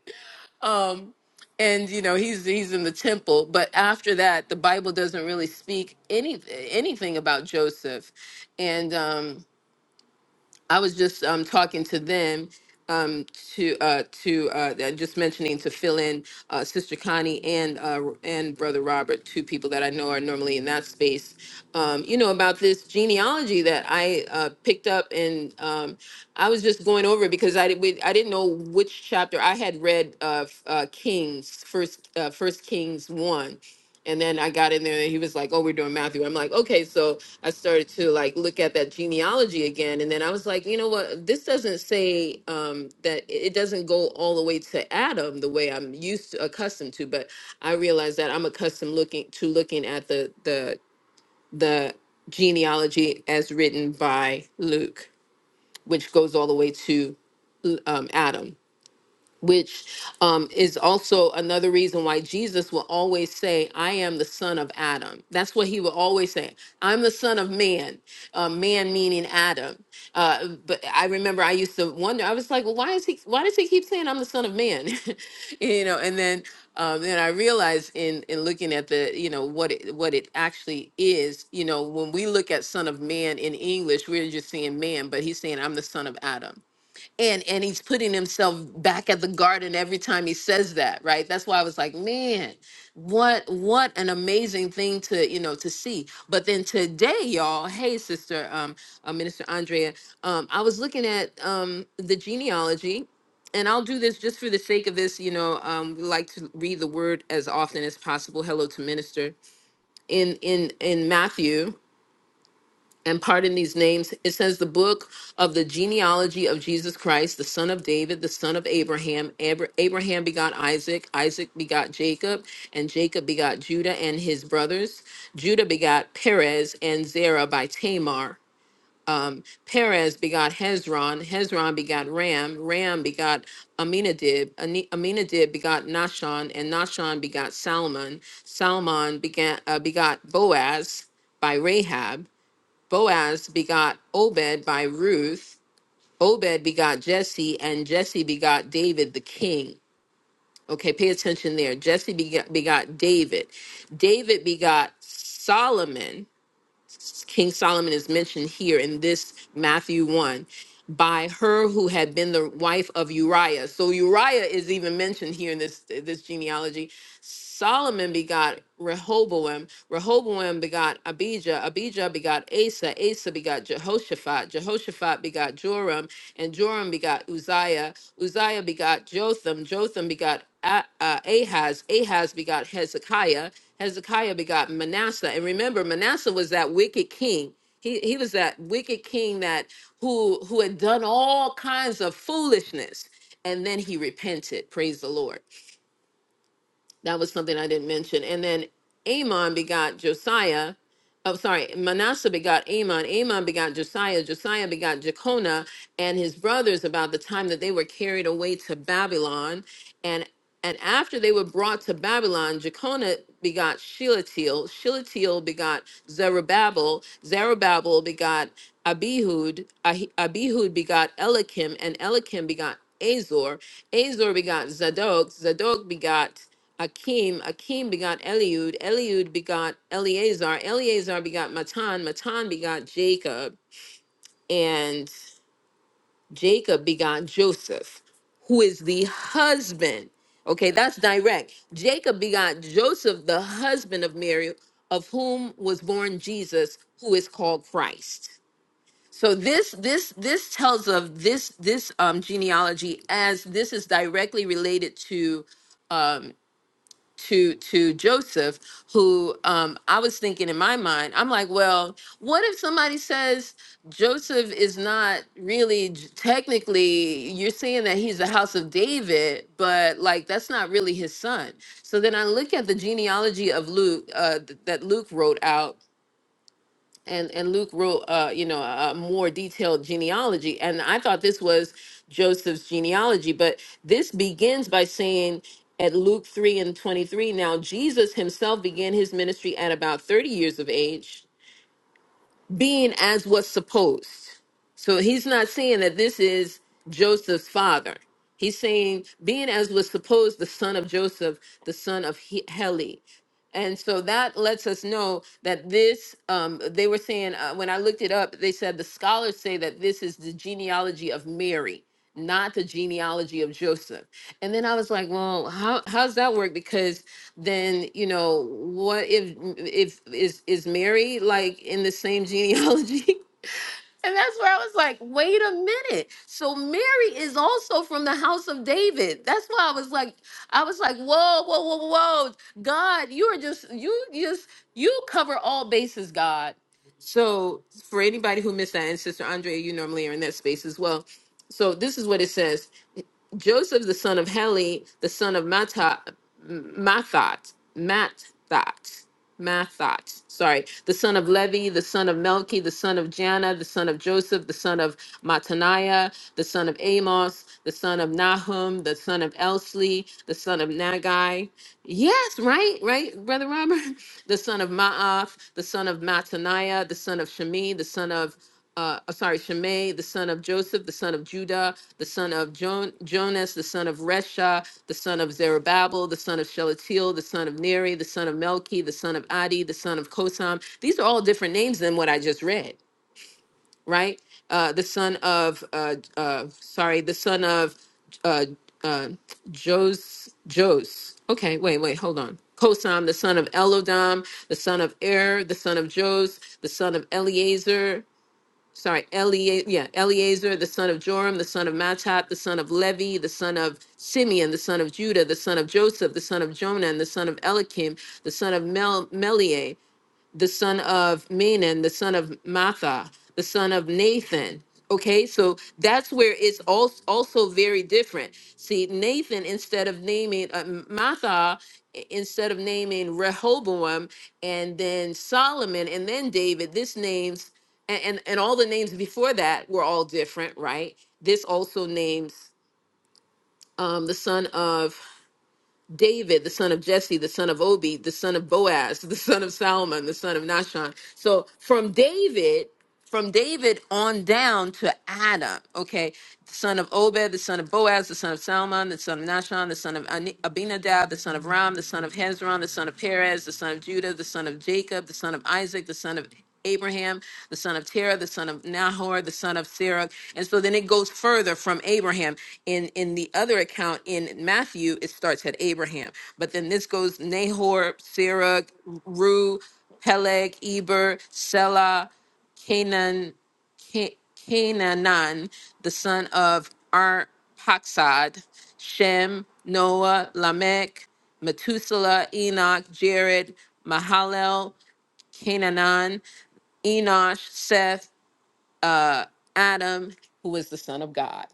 Speaker 1: um and you know he's he's in the temple but after that the bible doesn't really speak any anything about joseph and um I was just um, talking to them um, to uh, to uh, that- just mentioning to fill in uh, Sister Connie and uh, and Brother Robert, two people that I know are normally in that space. Um, you know about this genealogy that I uh, picked up, and um, I was just going over it because I did, we, I didn't know which chapter I had read uh, f- uh, Kings first uh, First Kings one, and then I got in there and he was like, Oh, we're doing Matthew. I'm like, okay. So I started to like look at that genealogy again. And then I was like, you know what? This doesn't say um, that it doesn't go all the way to Adam the way I'm used to accustomed to, but I realized that I'm accustomed looking to looking at the the the genealogy as written by Luke, which goes all the way to um, Adam which um, is also another reason why Jesus will always say, I am the son of Adam. That's what he will always say. I'm the son of man, uh, man meaning Adam. Uh, but I remember I used to wonder, I was like, well, why is he, why does he keep saying I'm the son of man? you know, and then, um, then I realized in, in looking at the, you know, what it, what it actually is, you know, when we look at son of man in English, we're just seeing man, but he's saying, I'm the son of Adam and and he's putting himself back at the garden every time he says that right that's why i was like man what what an amazing thing to you know to see but then today y'all hey sister um uh, minister andrea um i was looking at um the genealogy and I'll do this just for the sake of this, you know, um, we like to read the word as often as possible. Hello to minister in in in Matthew, and pardon these names. It says the book of the genealogy of Jesus Christ, the son of David, the son of Abraham. Abra- Abraham begot Isaac, Isaac begot Jacob, and Jacob begot Judah and his brothers. Judah begot Perez and Zerah by Tamar. Um, Perez begot Hezron, Hezron begot Ram, Ram begot Aminadab, Ani- Aminadab begot Nahshon, and Nahshon begot Salmon, Salmon began, uh, begot Boaz by Rahab, Boaz begot Obed by Ruth. Obed begot Jesse, and Jesse begot David the king. Okay, pay attention there. Jesse begot, begot David. David begot Solomon. King Solomon is mentioned here in this Matthew 1 by her who had been the wife of Uriah. So Uriah is even mentioned here in this this genealogy. Solomon begot Rehoboam, Rehoboam begot Abijah, Abijah begot Asa, Asa begot Jehoshaphat, Jehoshaphat begot Joram, and Joram begot Uzziah. Uzziah begot Jotham. Jotham begot A- uh, Ahaz. Ahaz begot Hezekiah. Hezekiah begot Manasseh. And remember, Manasseh was that wicked king. He, he was that wicked king that who who had done all kinds of foolishness and then he repented praise the lord that was something I didn't mention. And then Amon begot Josiah. Oh, sorry. Manasseh begot Amon. Amon begot Josiah. Josiah begot Jeconiah and his brothers about the time that they were carried away to Babylon. And and after they were brought to Babylon, Jeconiah begot Shealtiel. Shealtiel begot Zerubbabel. Zerubbabel begot Abihud. Ahi- Abihud begot Elikim. And Elikim begot Azor. Azor begot Zadok. Zadok begot Akim, Akim begot Eliud, Eliud begot Eleazar, Eleazar begot Matan, Matan begot Jacob, and Jacob begot Joseph, who is the husband. Okay, that's direct. Jacob begot Joseph, the husband of Mary, of whom was born Jesus, who is called Christ. So this this this tells of this this um, genealogy as this is directly related to um, to to Joseph, who um, I was thinking in my mind, I'm like, well, what if somebody says Joseph is not really j- technically? You're saying that he's the house of David, but like that's not really his son. So then I look at the genealogy of Luke uh, th- that Luke wrote out and and Luke wrote uh you know a more detailed genealogy and I thought this was Joseph's genealogy but this begins by saying at Luke 3 and 23 now Jesus himself began his ministry at about 30 years of age being as was supposed. So he's not saying that this is Joseph's father. He's saying being as was supposed, the son of Joseph, the son of He- Heli. And so that lets us know that this, um, they were saying, uh, when I looked it up, they said the scholars say that this is the genealogy of Mary, not the genealogy of Joseph. And then I was like, well, how, how's that work? Because then you know what if if is is mary like in the same genealogy and that's where i was like wait a minute so mary is also from the house of david that's why i was like i was like whoa whoa whoa whoa god you are just you just you cover all bases god so for anybody who missed that and sister andrea you normally are in that space as well so this is what it says Joseph, the son of Heli, the son of Matthat, Mathat, Mathat, Mathat, sorry, the son of Levi, the son of Melchi, the son of Janna, the son of Joseph, the son of Mataniah, the son of Amos, the son of Nahum, the son of Elsli, the son of Nagai. Yes, right, right, Brother Robert? The son of Ma'ath, the son of Mataniah, the son of Shemi, the son of uh, uh, sorry, Shimei, the son of Joseph, the son of Judah, the son of Jon- Jonas, the son of Resha, the son of Zerubbabel, the son of Shelatiel, the son of Neri, the son of Melchi, the son of Adi, the son of Kosam. These are all different names than what I just read, right? Uh, the son of, uh, uh, sorry, the son of uh, uh, Jos, Jos. Okay, wait, wait, hold on. Kosam, the son of Elodam, the son of Er, the son of Jos, the son of Eleazar, sorry, Elia, yeah, Eleazar, the son of Joram, the son of Mattat, the son of Levi, the son of Simeon, the son of Judah, the son of Joseph, the son of Jonah, and the son of Elikim, the son of Mel- Meliah, the son of Menon, the son of Matha, the son of Nathan. Okay, so that's where it's also also very different. See, Nathan instead of naming uh, Matha, i- instead of naming Rehoboam, and then Solomon, and then David. This names and and, and all the names before that were all different, right? This also names um, the son of David, the son of Jesse, the son of Obi, the son of Boaz, the son of Salmon, the son of Nashon. So from David, from David on down to Adam, okay, the son of Obed, the son of Boaz, the son of Salmon, the son of Nashon, the son of Ani- Abinadab, the son of Ram, the son of Hezron, the son of Perez, the son of Judah, the son of Jacob, the son of Isaac, the son of Abraham, the son of Terah, the son of Nahor, the son of Sarah. And so then it goes further from Abraham. In in the other account in Matthew, it starts at Abraham. But then this goes Nahor, Sarah, Ru, Peleg, Eber, Selah, Canaan, Ca- Canaanan, the son of Arpaxad, Shem, Noah, Lamech, Methuselah, Enoch, Jared, Mahalel, Canaan. Enosh, Seth, Adam, who is the son of God.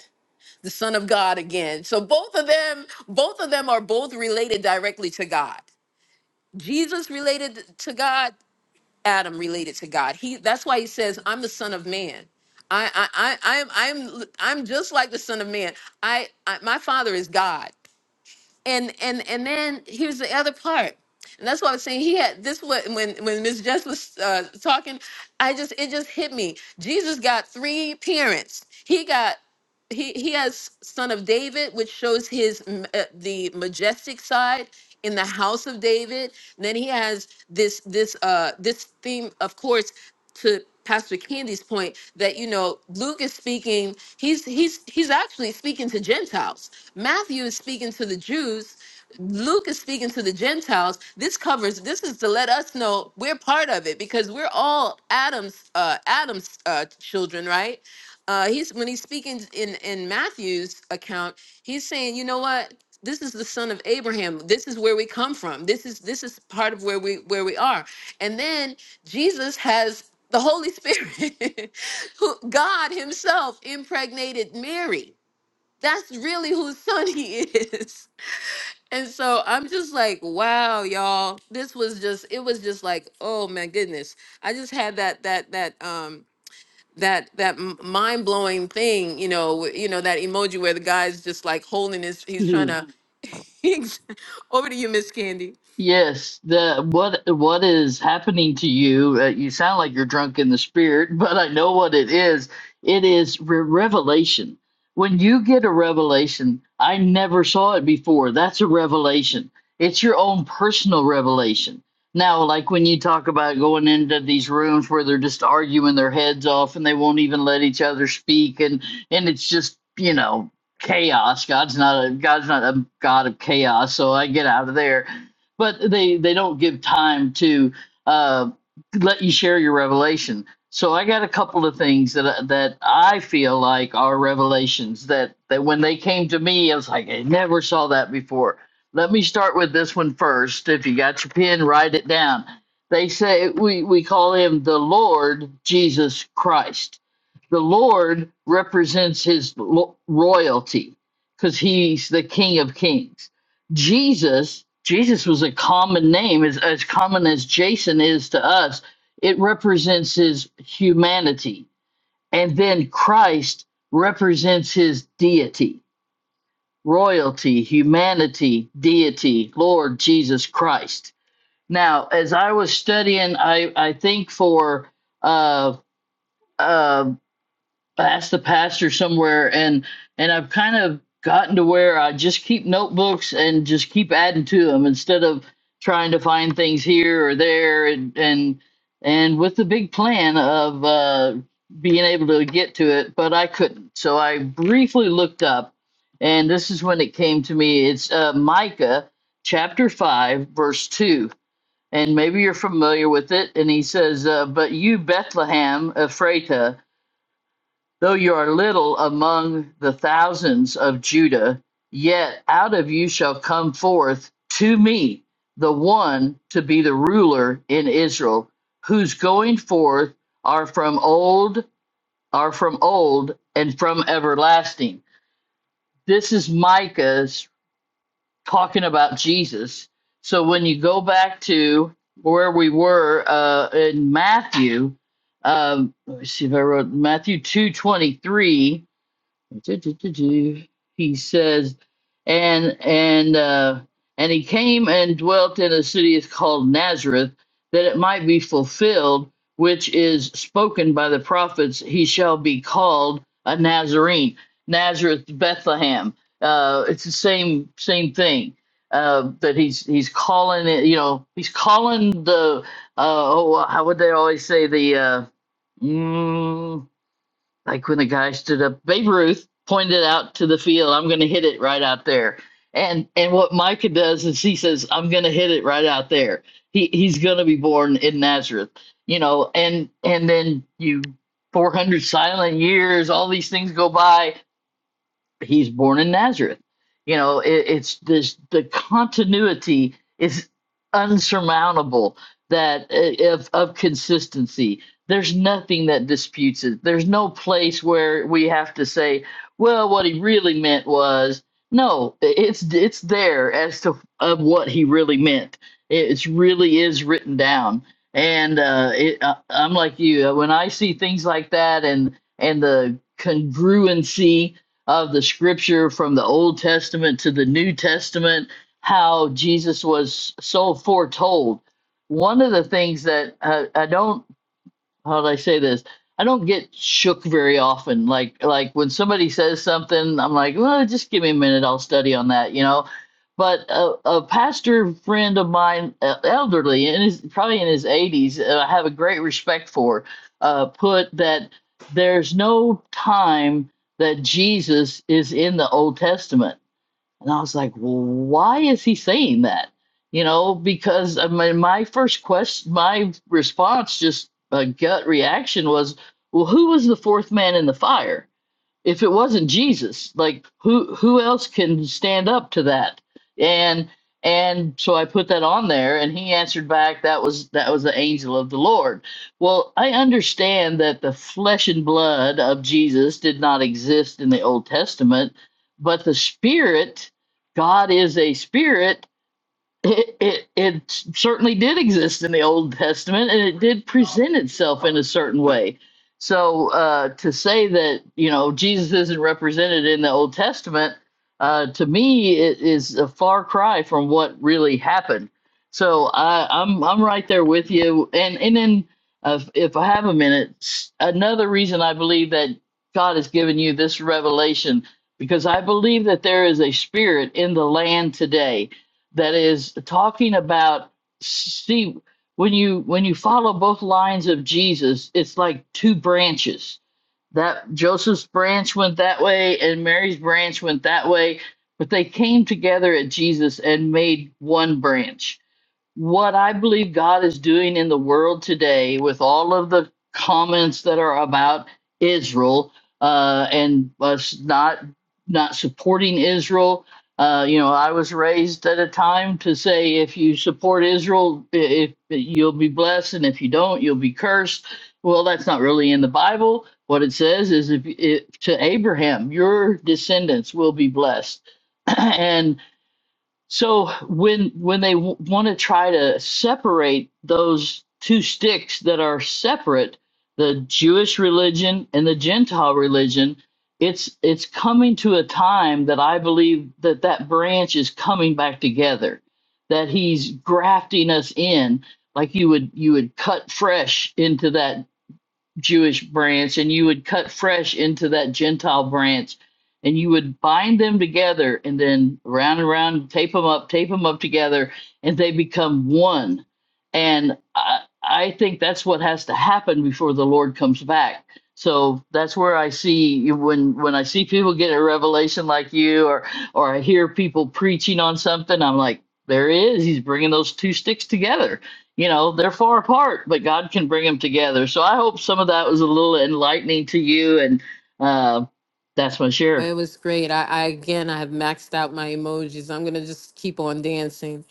Speaker 1: The son of God again. So both of them, both of them are both related directly to God. Jesus related to God, Adam related to God. He that's why he says, I'm the son of man. I I I I'm I'm I'm just like the son of man. I, I my father is God. and and and then here's the other part and that's why i was saying he had this what when when miss jess was uh, talking i just it just hit me jesus got three parents he got he he has son of david which shows his m- uh, the majestic side in the house of david and then he has this this uh this theme of course to Pastor Candy's point that you know Luke is speaking he's he's he's actually speaking to Gentiles. Matthew is speaking to the Jews. Luke is speaking to the Gentiles. This covers this is to let us know we're part of it because we're all Adam's uh Adam's uh children, right? Uh he's when he's speaking in in Matthew's account, he's saying, "You know what? This is the son of Abraham. This is where we come from. This is this is part of where we where we are." And then Jesus has the Holy Spirit, who God Himself impregnated Mary. That's really whose son He is. And so I'm just like, wow, y'all. This was just, it was just like, oh my goodness. I just had that, that, that, um, that that mind blowing thing, you know, w- you know that emoji where the guy's just like holding his, he's trying to. Over to you, Miss Candy.
Speaker 2: Yes, the what what is happening to you? Uh, you sound like you're drunk in the spirit, but I know what it is. It is re- revelation. When you get a revelation, I never saw it before. That's a revelation. It's your own personal revelation. Now, like when you talk about going into these rooms where they're just arguing their heads off and they won't even let each other speak, and and it's just you know chaos. God's not a God's not a God of chaos, so I get out of there but they they don't give time to uh, let you share your revelation. So I got a couple of things that that I feel like are revelations that that when they came to me, I was like, I never saw that before. Let me start with this one first. If you got your pen, write it down. They say we we call him the Lord Jesus Christ. The Lord represents his lo- royalty because he's the King of Kings Jesus, Jesus was a common name, as, as common as Jason is to us. It represents his humanity. And then Christ represents his deity, royalty, humanity, deity, Lord Jesus Christ. Now, as I was studying, I, I think for uh, uh, asked the pastor somewhere and and I've kind of gotten to where I just keep notebooks and just keep adding to them instead of trying to find things here or there and and and with the big plan of uh being able to get to it, but I couldn't. So I briefly looked up and this is when it came to me. It's uh Micah chapter 5 verse 2. And maybe you're familiar with it. And he says, uh, But you, Bethlehem, Ephrathah, Though you are little among the thousands of Judah, yet out of you shall come forth to me the one to be the ruler in Israel, whose going forth are from old, are from old, and from everlasting. This is Micah's talking about Jesus. So when you go back to where we were uh, in Matthew, um, let me see if I wrote Matthew two twenty three Du-du-du-du. He says, and and uh, and he came and dwelt in a city is called Nazareth, that it might be fulfilled, which is spoken by the prophets. He shall be called a Nazarene. Nazareth, Bethlehem. Uh, it's the same same thing. Uh, that he's he's calling it. You know, he's calling the. Uh, oh, how would they always say the. Uh, mm, like when the guy stood up babe ruth pointed out to the field i'm going to hit it right out there and and what micah does is he says i'm going to hit it right out there he he's going to be born in nazareth you know and and then you 400 silent years all these things go by he's born in Nazareth. You know, it, it's this the continuity is unsurmountable that uh, of of consistency. There's nothing that disputes it. There's no place where we have to say, well, what he really meant was no. It's it's there as to of what he really meant. It really is written down. And uh, it, uh, I'm like you. uh, When I see things like that, and and the congruency of the scripture from the Old Testament to the New Testament, how Jesus was so foretold. One of the things that uh, I don't how do I say this? I don't get shook very often. Like like when somebody says something, I'm like, well, just give me a minute. I'll study on that, you know. But a, a pastor friend of mine, uh, elderly, and is probably in his 80s, uh, I have a great respect for, uh, put that there's no time that Jesus is in the Old Testament and I was like, well, why is he saying that? You know, because I mean, my first question, my response, just a gut reaction was, well, who was the fourth man in the fire? if it wasn't Jesus, like who who else can stand up to that? And and so I put that on there and he answered back that was that was the angel of the Lord. Well, I understand that the flesh and blood of Jesus did not exist in the Old Testament, but the spirit God is a spirit it, it it certainly did exist in the Old Testament, and it did present itself in a certain way. So uh, to say that you know Jesus isn't represented in the Old Testament, uh, to me, it is a far cry from what really happened. So I, I'm I'm right there with you, and and then uh, if I have a minute, s- another reason I believe that God has given you this revelation because I believe that there is a spirit in the land today that is talking about see when you when you follow both lines of Jesus, it's like two branches. That Joseph's branch went that way and Mary's branch went that way, but they came together at Jesus and made one branch what I believe God is doing in the world today with all of the comments that are about Israel uh, and us not not supporting Israel. Uh, you know, I was raised at a time to say if you support Israel, i- if you'll be blessed, and if you don't, you'll be cursed. Well, that's not really in the Bible. What it says is, if, if to Abraham, your descendants will be blessed, and so when when they w- want to try to separate those two sticks that are separate, the Jewish religion and the Gentile religion, it's it's coming to a time that I believe that that branch is coming back together, that he's grafting us in like you would you would cut fresh into that Jewish branch and you would cut fresh into that Gentile branch and you would bind them together and then round and round, tape them up, tape them up together, and they become one. And I, I think that's what has to happen before the Lord comes back. So that's where I see when when I see people get a revelation like you, or or I hear people preaching on something, I'm like, there he is. He's bringing those two sticks together you know they're far apart but god can bring them together so i hope some of that was a little enlightening to you and uh, that's my share
Speaker 1: Well, it was great. I, I again, I have maxed out my emojis. I'm gonna just keep on dancing.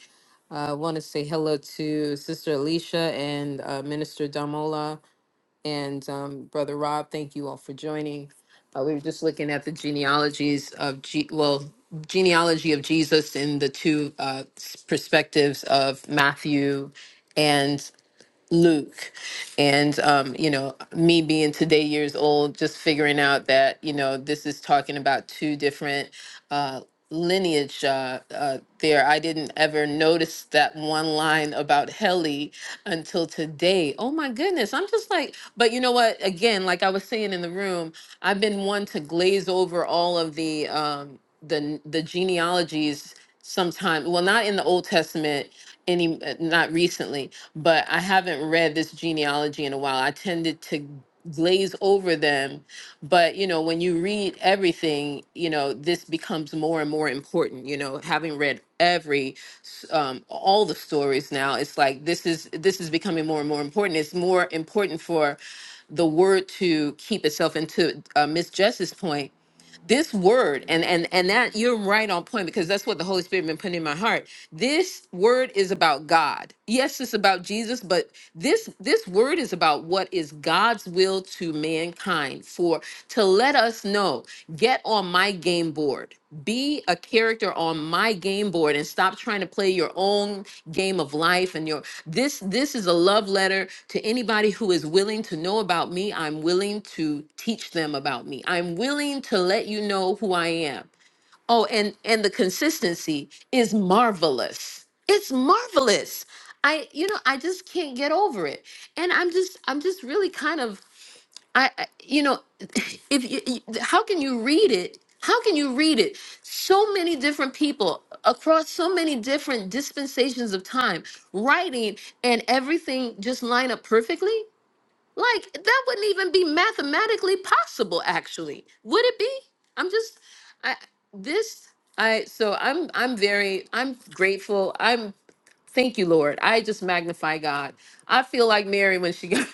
Speaker 1: I want to say hello to Sister Alicia and uh, Minister Damola and um, Brother Rob. Thank you all for joining. Uh, we were just looking at the genealogies of, G- well, genealogy of Jesus in the two uh, s- perspectives of Matthew Luke. And, um, you know, me being today years old, just figuring out that, you know, this is talking about two different uh, lineage uh, uh, there. I didn't ever notice that one line about Heli until today. Oh my goodness. I'm just like, but you know what? Again, like I was saying in the room, I've been one to glaze over all of the, um, the, the genealogies sometimes well not in the old testament any uh, not recently but I haven't read this genealogy in a while. I tended to glaze over them, but you know, when you read everything, you know, this becomes more and more important. You know, having read every um, all the stories now, it's like this is this is becoming more and more important. It's more important for the word to keep itself into uh, Miss Jess's point this word and and and that you're right on point because that's what the holy spirit been putting in my heart this word is about god yes it's about jesus but this this word is about what is god's will to mankind for to let us know get on my game board be a character on my game board and stop trying to play your own game of life and your this this is a love letter to anybody who is willing to know about me i'm willing to teach them about me i'm willing to let you know who i am oh and and the consistency is marvelous it's marvelous i you know i just can't get over it and i'm just i'm just really kind of I, I you know, if you, you- how can you read it? How can you read it? So many different people across so many different dispensations of time writing and everything just line up perfectly? Like that wouldn't even be mathematically possible actually. Would it be? I'm just I this I so I'm I'm very I'm grateful. I'm thank you Lord. I just magnify God. I feel like Mary when she got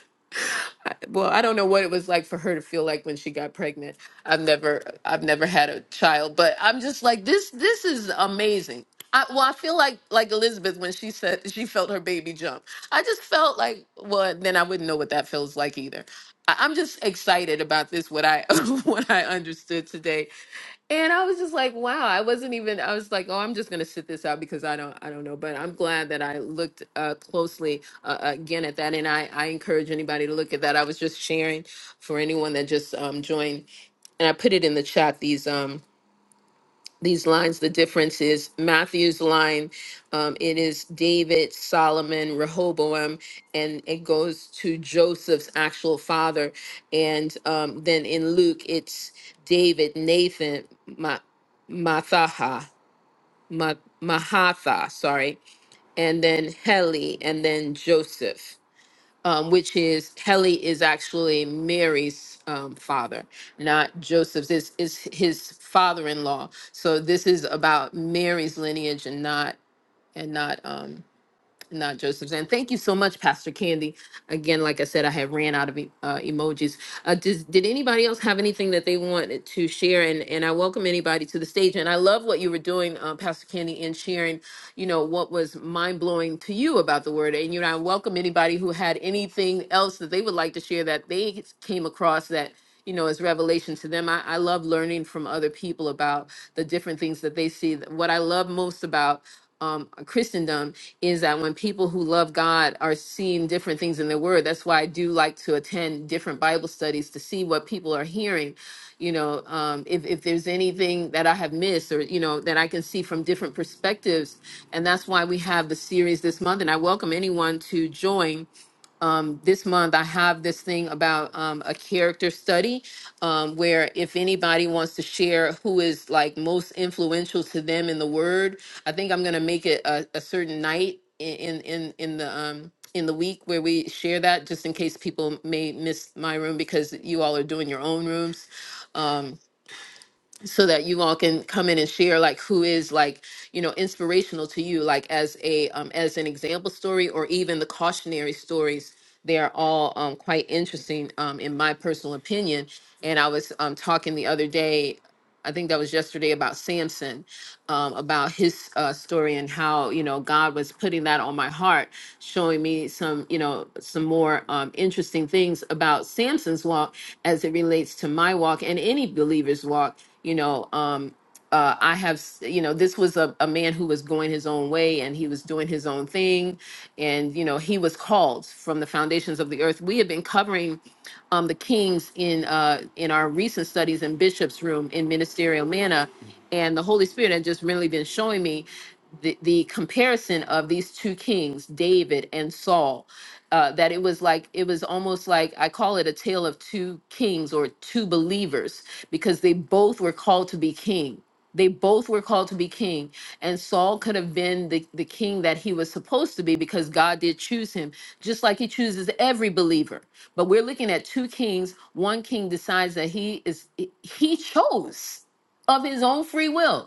Speaker 1: well, I don't know what it was like for her to feel like when she got pregnant. I've never I've never had a child, but I'm just like this this is amazing. I, well, I feel like like Elizabeth when she said she felt her baby jump. I just felt like well, then I wouldn't know what that feels like either. I, I'm just excited about this. What I what I understood today and I was just like, wow, I wasn't even I was like, oh, I'm just going to sit this out because I don't I don't know, but I'm glad that I looked uh closely uh, again at that and I I encourage anybody to look at that. I was just sharing for anyone that just um joined and I put it in the chat these um these lines the difference is matthew's line um, it is david solomon rehoboam and it goes to joseph's actual father and um, then in luke it's david nathan Ma- mathaha Ma- mahatha sorry and then heli and then joseph um, which is Heli is actually Mary's um, father, not Joseph's. It's, it's his father-in-law. So this is about Mary's lineage and not and not um, not Joseph's. And thank you so much, Pastor Candy. Again, like I said, I have ran out of e- uh, emojis. Uh, does, did anybody else have anything that they wanted to share? And and I welcome anybody to the stage. And I love what you were doing, uh, Pastor Candy, in sharing, you know, what was mind blowing to you about the word. And you know, I welcome anybody who had anything else that they would like to share that they came across that you know, as revelation to them. I, I love learning from other people about the different things that they see. What I love most about um, Christendom is that when people who love God are seeing different things in the Word, that's why I do like to attend different Bible studies to see what people are hearing. You know, um, if if there's anything that I have missed, or you know, that I can see from different perspectives, and that's why we have the series this month. And I welcome anyone to join um, this month I have this thing about um, a character study um, where if anybody wants to share who is like most influential to them in the word, I think I'm gonna make it a, a certain night in in in the um, in the week where we share that just in case people may miss my room because you all are doing your own rooms. Um, so that you all can come in and share like who is like you know inspirational to you like as a um, as an example story or even the cautionary stories they are all um, quite interesting um, in my personal opinion and i was um, talking the other day i think that was yesterday about samson um, about his uh, story and how you know God was putting that on my heart, showing me some you know some more um, interesting things about Samson's walk as it relates to my walk and any believer's walk. You know, um, uh, I have, s- you know, this was a, a man who was going his own way and he was doing his own thing. And, you know, he was called from the foundations of the earth. We have been covering um, the kings in uh, in our recent studies in Bishop's Room in Ministerial Manna, and the Holy Spirit had just really been showing me the, the comparison of these two kings, David and Saul. Uh, that it was like it was almost like I call it a tale of two kings or two believers because they both were called to be king they both were called to be king. And Saul could have been the, the king that he was supposed to be because God did choose him, just like he chooses every believer. But we're looking at two kings. One king decides that he is he chose of his own free will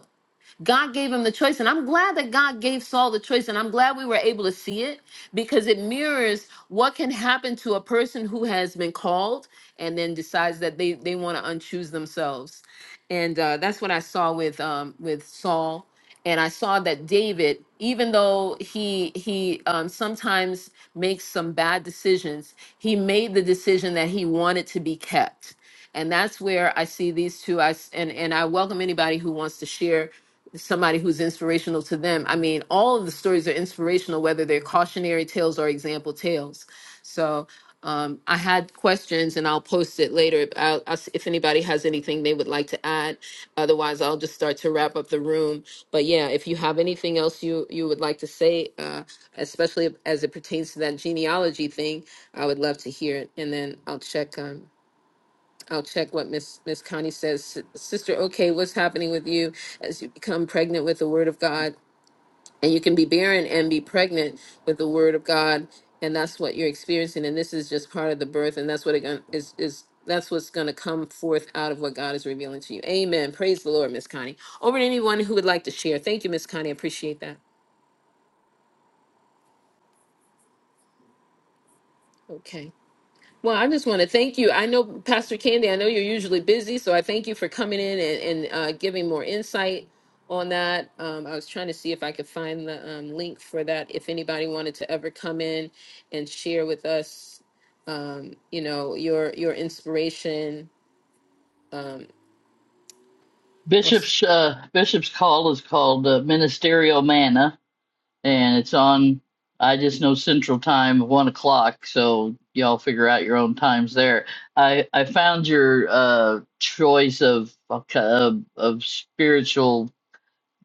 Speaker 1: God gave him the choice. And I'm glad that God gave Saul the choice. And I'm glad we were able to see it because it mirrors what can happen to a person who has been called and then decides that they, they want to unchoose themselves. And uh, that's what I saw with um, with Saul. And I saw that David, even though he he um, sometimes makes some bad decisions, he made the decision that he wanted to be kept and that's where I see these two. I s- and and I welcome anybody who wants to share somebody who's inspirational to them. I mean, all of the stories are inspirational, whether they're cautionary tales or example tales. So. Um, I had questions and I'll post it later. I'll, I'll, see if anybody has anything they would like to add, otherwise I'll just start to wrap up the room. But yeah, if you have anything else you you would like to say, uh, especially as it pertains to that genealogy thing, I would love to hear it. And then I'll check on. I'll check what Miss Miss Connie says. S- Sister, okay, what's happening with you as you become pregnant with the Word of God? And you can be barren and be pregnant with the Word of God, and that's what you're experiencing. And this is just part of the birth, and that's what it gon- is is that's what's going to come forth out of what God is revealing to you. Amen. Praise the Lord, Miss Connie. Over to anyone who would like to share. Thank you, Miss Connie. I appreciate that. Okay. Well, I just want to thank you. I know, Pastor Candy, I know you're usually busy, so I thank you for coming in and, and uh, giving more insight on that. Um, I was trying to see if I could find the um, link for that. If anybody wanted to ever come in and share with us, you know, your your inspiration.
Speaker 2: bishop's
Speaker 1: And
Speaker 2: uh, bishop's call is called uh, ministerial manna and it's on i just know central time one o'clock so y'all figure out your own times there i i found your uh choice of of, of spiritual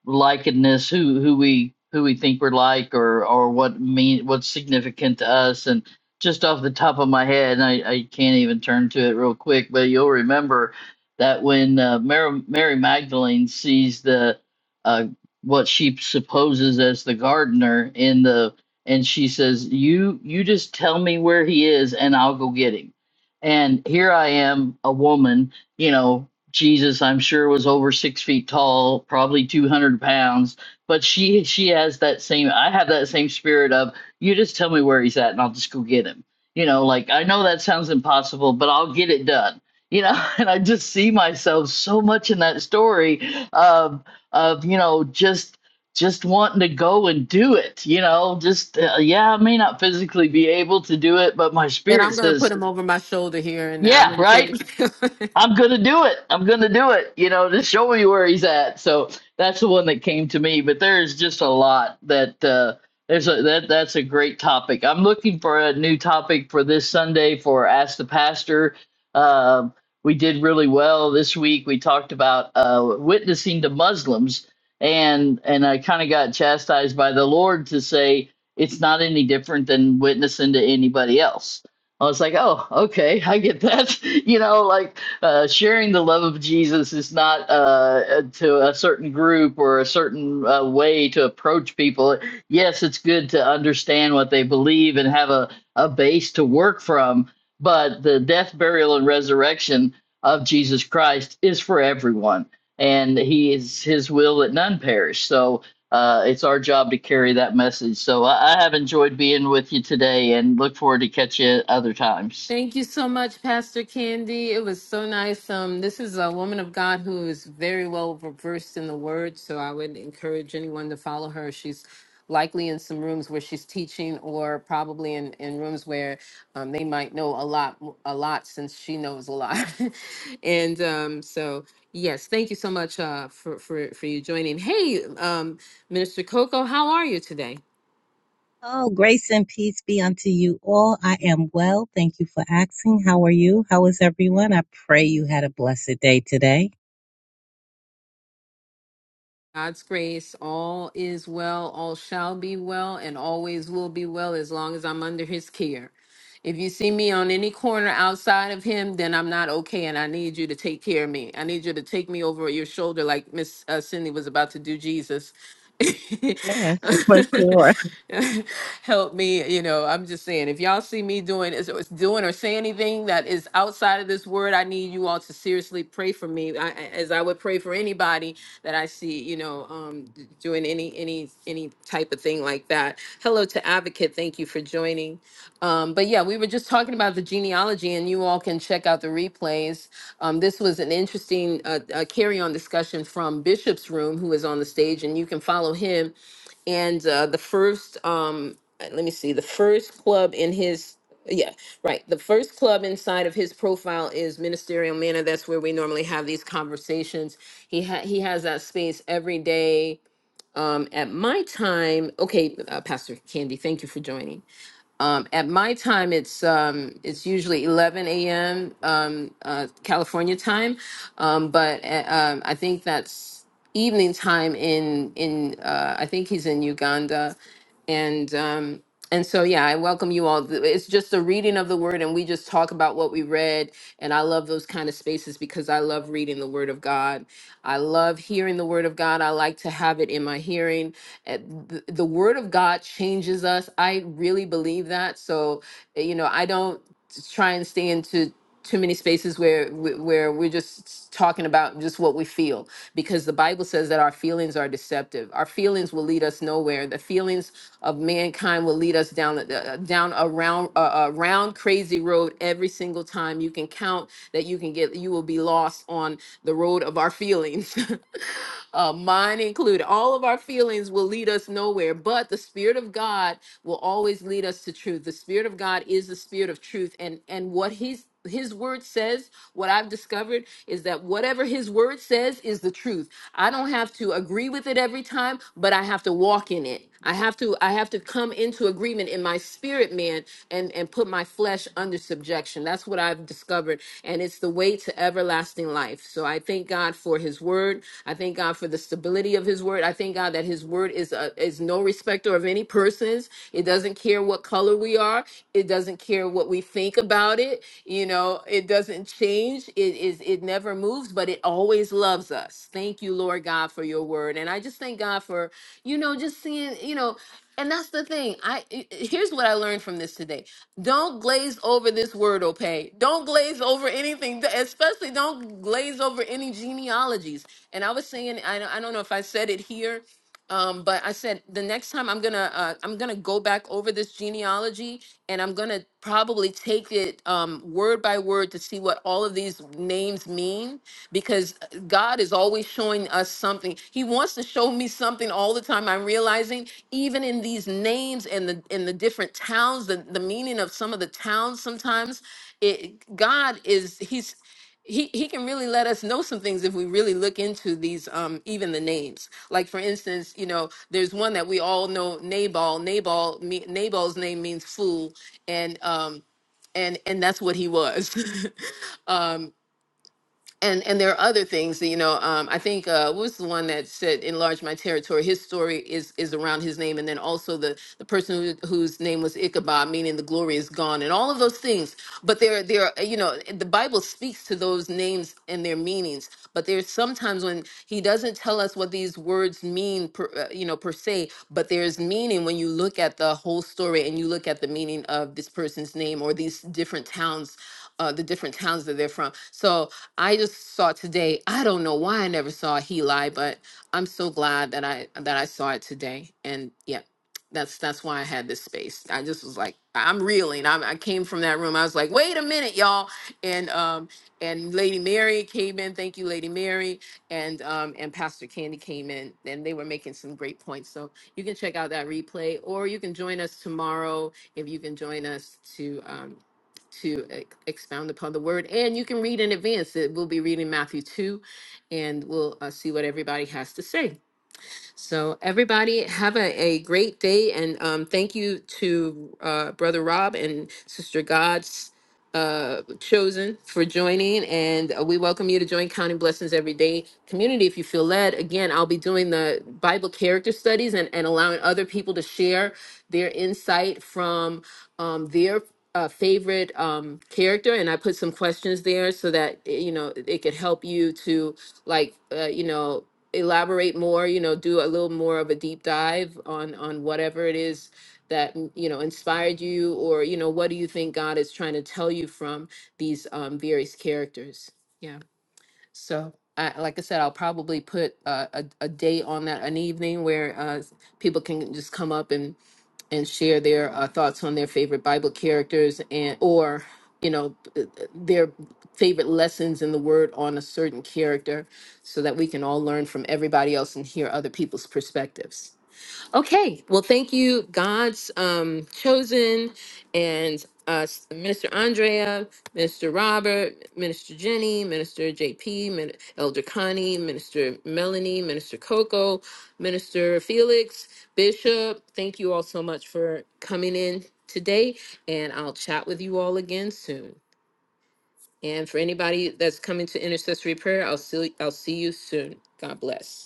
Speaker 2: Likeness, who who we who we think we're like, or or what mean what's significant to us, and just off the top of my head, and I, I can't even turn to it real quick, but you'll remember that when uh, Mary, Mary Magdalene sees the uh, what she supposes as the gardener in the and she says, "You you just tell me where he is, and I'll go get him." And here I am, a woman, you know, Jesus, I'm sure, was over six feet tall, probably 200 pounds. But she she has that same. I have that same spirit of you just tell me where he's at, and I'll just go get him. You know, like I know that sounds impossible, but I'll get it done. You know, and I just see myself so much in that story of of you know just just wanting to go and do it. You know, just uh, yeah, I may not physically be able to do it, but my spirit
Speaker 1: I'm going to
Speaker 2: says,
Speaker 1: put him over my shoulder here, and I'm
Speaker 2: yeah,
Speaker 1: going to take.
Speaker 2: right
Speaker 1: him.
Speaker 2: I'm gonna do it. I'm gonna do it. You know, just show me where he's at. So that's the one that came to me. But there's just a lot that uh, there's a that that's a great topic. I'm looking for a new topic for this Sunday for Ask the Pastor. Um, we did really well this week. We talked about uh, witnessing to Muslims, and and I kind of got chastised by the Lord to say it's not any different than witnessing to anybody else. I was like, oh, okay, I get that. you know, like uh, sharing the love of Jesus is not uh, uh, to a certain group or a certain uh, way to approach people. Yes, it's good to understand what they believe and have a, a base to work from, but the death, burial, and resurrection of Jesus Christ is for everyone, and He is His will that none perish. So. Uh, it's our job to carry that message. So I, I have enjoyed being with you today and look forward to catch you other times.
Speaker 1: Thank you so much, Pastor Candy. It was so nice. Um, this is a woman of God who is very well versed in the word, so I would encourage anyone to follow her. She's likely in some rooms where she's teaching, or probably in, in rooms where um, they might know a lot, a lot, since she knows a lot. and um, so, yes, thank you so much uh, for, for for you joining. Hey, um, Minister Coco, how are you today?
Speaker 6: Oh, grace and peace be unto you all. I am well. Thank you for asking. How are you? How is everyone? I pray you had a blessed day today.
Speaker 1: God's grace, all is well, all shall be well, and always will be well as long as I'm under his care. If you see me on any corner outside of him, then I'm not okay, and I need you to take care of me. I need you to take me over your shoulder, like Miss uh, Cindy was about to do Jesus.
Speaker 6: Man, for sure.
Speaker 1: help me you know i'm just saying if y'all see me doing is is doing or say anything that is outside of this word i need you all to seriously pray for me I, I- as i would pray for anybody that i see you know um d- doing any any any type of thing like that hello to advocate thank you for joining um, but yeah, we were just talking about the genealogy, and you all can check out the replays. Um, this was an interesting uh, uh, carry-on discussion from Bishop's Room, who is on the stage, and you can follow him. And uh, the first, um, uh, let me see, the first club in his, yeah, right, the first club inside of his profile is Ministerial Manor. That's where we normally have these conversations. He ha- he has that space every day. Um, at my time, okay, uh, Pastor Candy, thank you for joining um, at my time, it's um, it's usually 11 a.m. Um, uh, California time, um, but uh, um, I think that's evening time in in uh, I think he's in Uganda, and um, and so yeah, I welcome you all. Th- It's just a reading of the word, and we just talk about what we read, and I love those kind of spaces because I love reading the word of God I love hearing the word of God. I like to have it in my hearing. Uh, th- The word of God changes us. I really believe that. So, uh, you know, I don't try and stay into too many spaces where where we're just talking about just what we feel because the bible says that our feelings are deceptive our feelings will lead us nowhere the feelings of mankind will lead us down a- down around a round crazy road every single time you can count that you can get you will be lost on the road of our feelings uh, mine included all of our feelings will lead us nowhere but the spirit of god will always lead us to truth the spirit of god is the spirit of truth and and what he's his word says what i've discovered is that whatever his word says is the truth i don't have to agree with it every time but i have to walk in it i have to i have to come into agreement in my spirit man and and put my flesh under subjection that's what i've discovered and it's the way to everlasting life so i thank god for his word word. I thank God for the stability of his word. I thank God that his word is uh is no respecter of any persons. It doesn't care what color we are. It doesn't care what we think about it. You know, it doesn't change. It is it never moves, but it always loves us. Thank you, Lord God, for your word. And I just thank God for, you know, just seeing, you know, and that's the thing. I i- i- here's what I learned from this today. Don't glaze over this word, okay? Don't glaze over anything, th- especially don't glaze over any genealogies. And I was saying, I, don't- I don't know if I said it here, um, but I said the next time I'm gonna uh, I'm gonna go back over this genealogy, and I'm gonna probably take it um, word by word to see what all of these names mean because uh, God is always showing us something. He wants to show me something all the time. I'm realizing even in these names and the in the different towns, the, the meaning of some of the towns sometimes, it God is he's he, he can really let us know some things if we really look into these um even the names like for instance you know there's one that we all know nabal nabal me, nabal's name means fool and um and and that's what he was um and and there are other things that, you know um i think uh what was the one that said enlarge my territory his story is is around his name and then also the the person who, whose name was ichabod meaning the glory is gone and all of those things but there there you know the bible speaks to those names and their meanings but there's sometimes when he doesn't tell us what these words mean per, uh, you know per se but there's meaning when you look at the whole story and you look at the meaning of this person's name or these different towns uh, the different towns that they're from. So I just saw it today. I don't know why I never saw Heli, but I'm so glad that I that I saw it today. And yeah, that's that's why I had this space. I just was like, I'm reeling. I'm, I came from that room. I was like, wait a minute, y'all. And um and Lady Mary came in. Thank you, Lady Mary. And um and Pastor Candy came in, and they were making some great points. So you can check out that replay, or you can join us tomorrow if you can join us to. Um, to ex- expound upon the word. And you can read in advance. It, we'll be reading Matthew 2, and we'll uh, see what everybody has to say. So, everybody, have a, a great day. And um, thank you to uh, Brother Rob and Sister God's uh, chosen for joining. And uh, we welcome you to join Counting Blessings Every Day community if you feel led. Again, I'll be doing the Bible character studies and, and allowing other people to share their insight from um, their uh, favorite um, character and i put some questions there so that eh, you know it could help you to like uh, you know elaborate more, you know, do a little more of a deep dive on on whatever it is that mm, you know inspired you or you know what do you think God is trying to tell you from these um various characters. Yeah. So, I, like I said, I'll probably put uh, a a date on that, an evening where uh, people can just come up and and share their uh, thoughts on their favorite Bible characters and or you know uh, their favorite lessons in the Word on a certain character, so that we can all learn from everybody else and hear other people's perspectives. Okay. Well, thank you, God's um, chosen, and uh, Minister Andrea, Minister Robert, Minister Jenny, Minister JP, Min- Elder Connie, Minister Melanie, Minister Coco, Minister Felix, Bishop. Thank you all so much for coming in today, and I'll chat with you all again soon. And for anybody that's coming to intercessory prayer, I'll see I'll see you soon. God bless.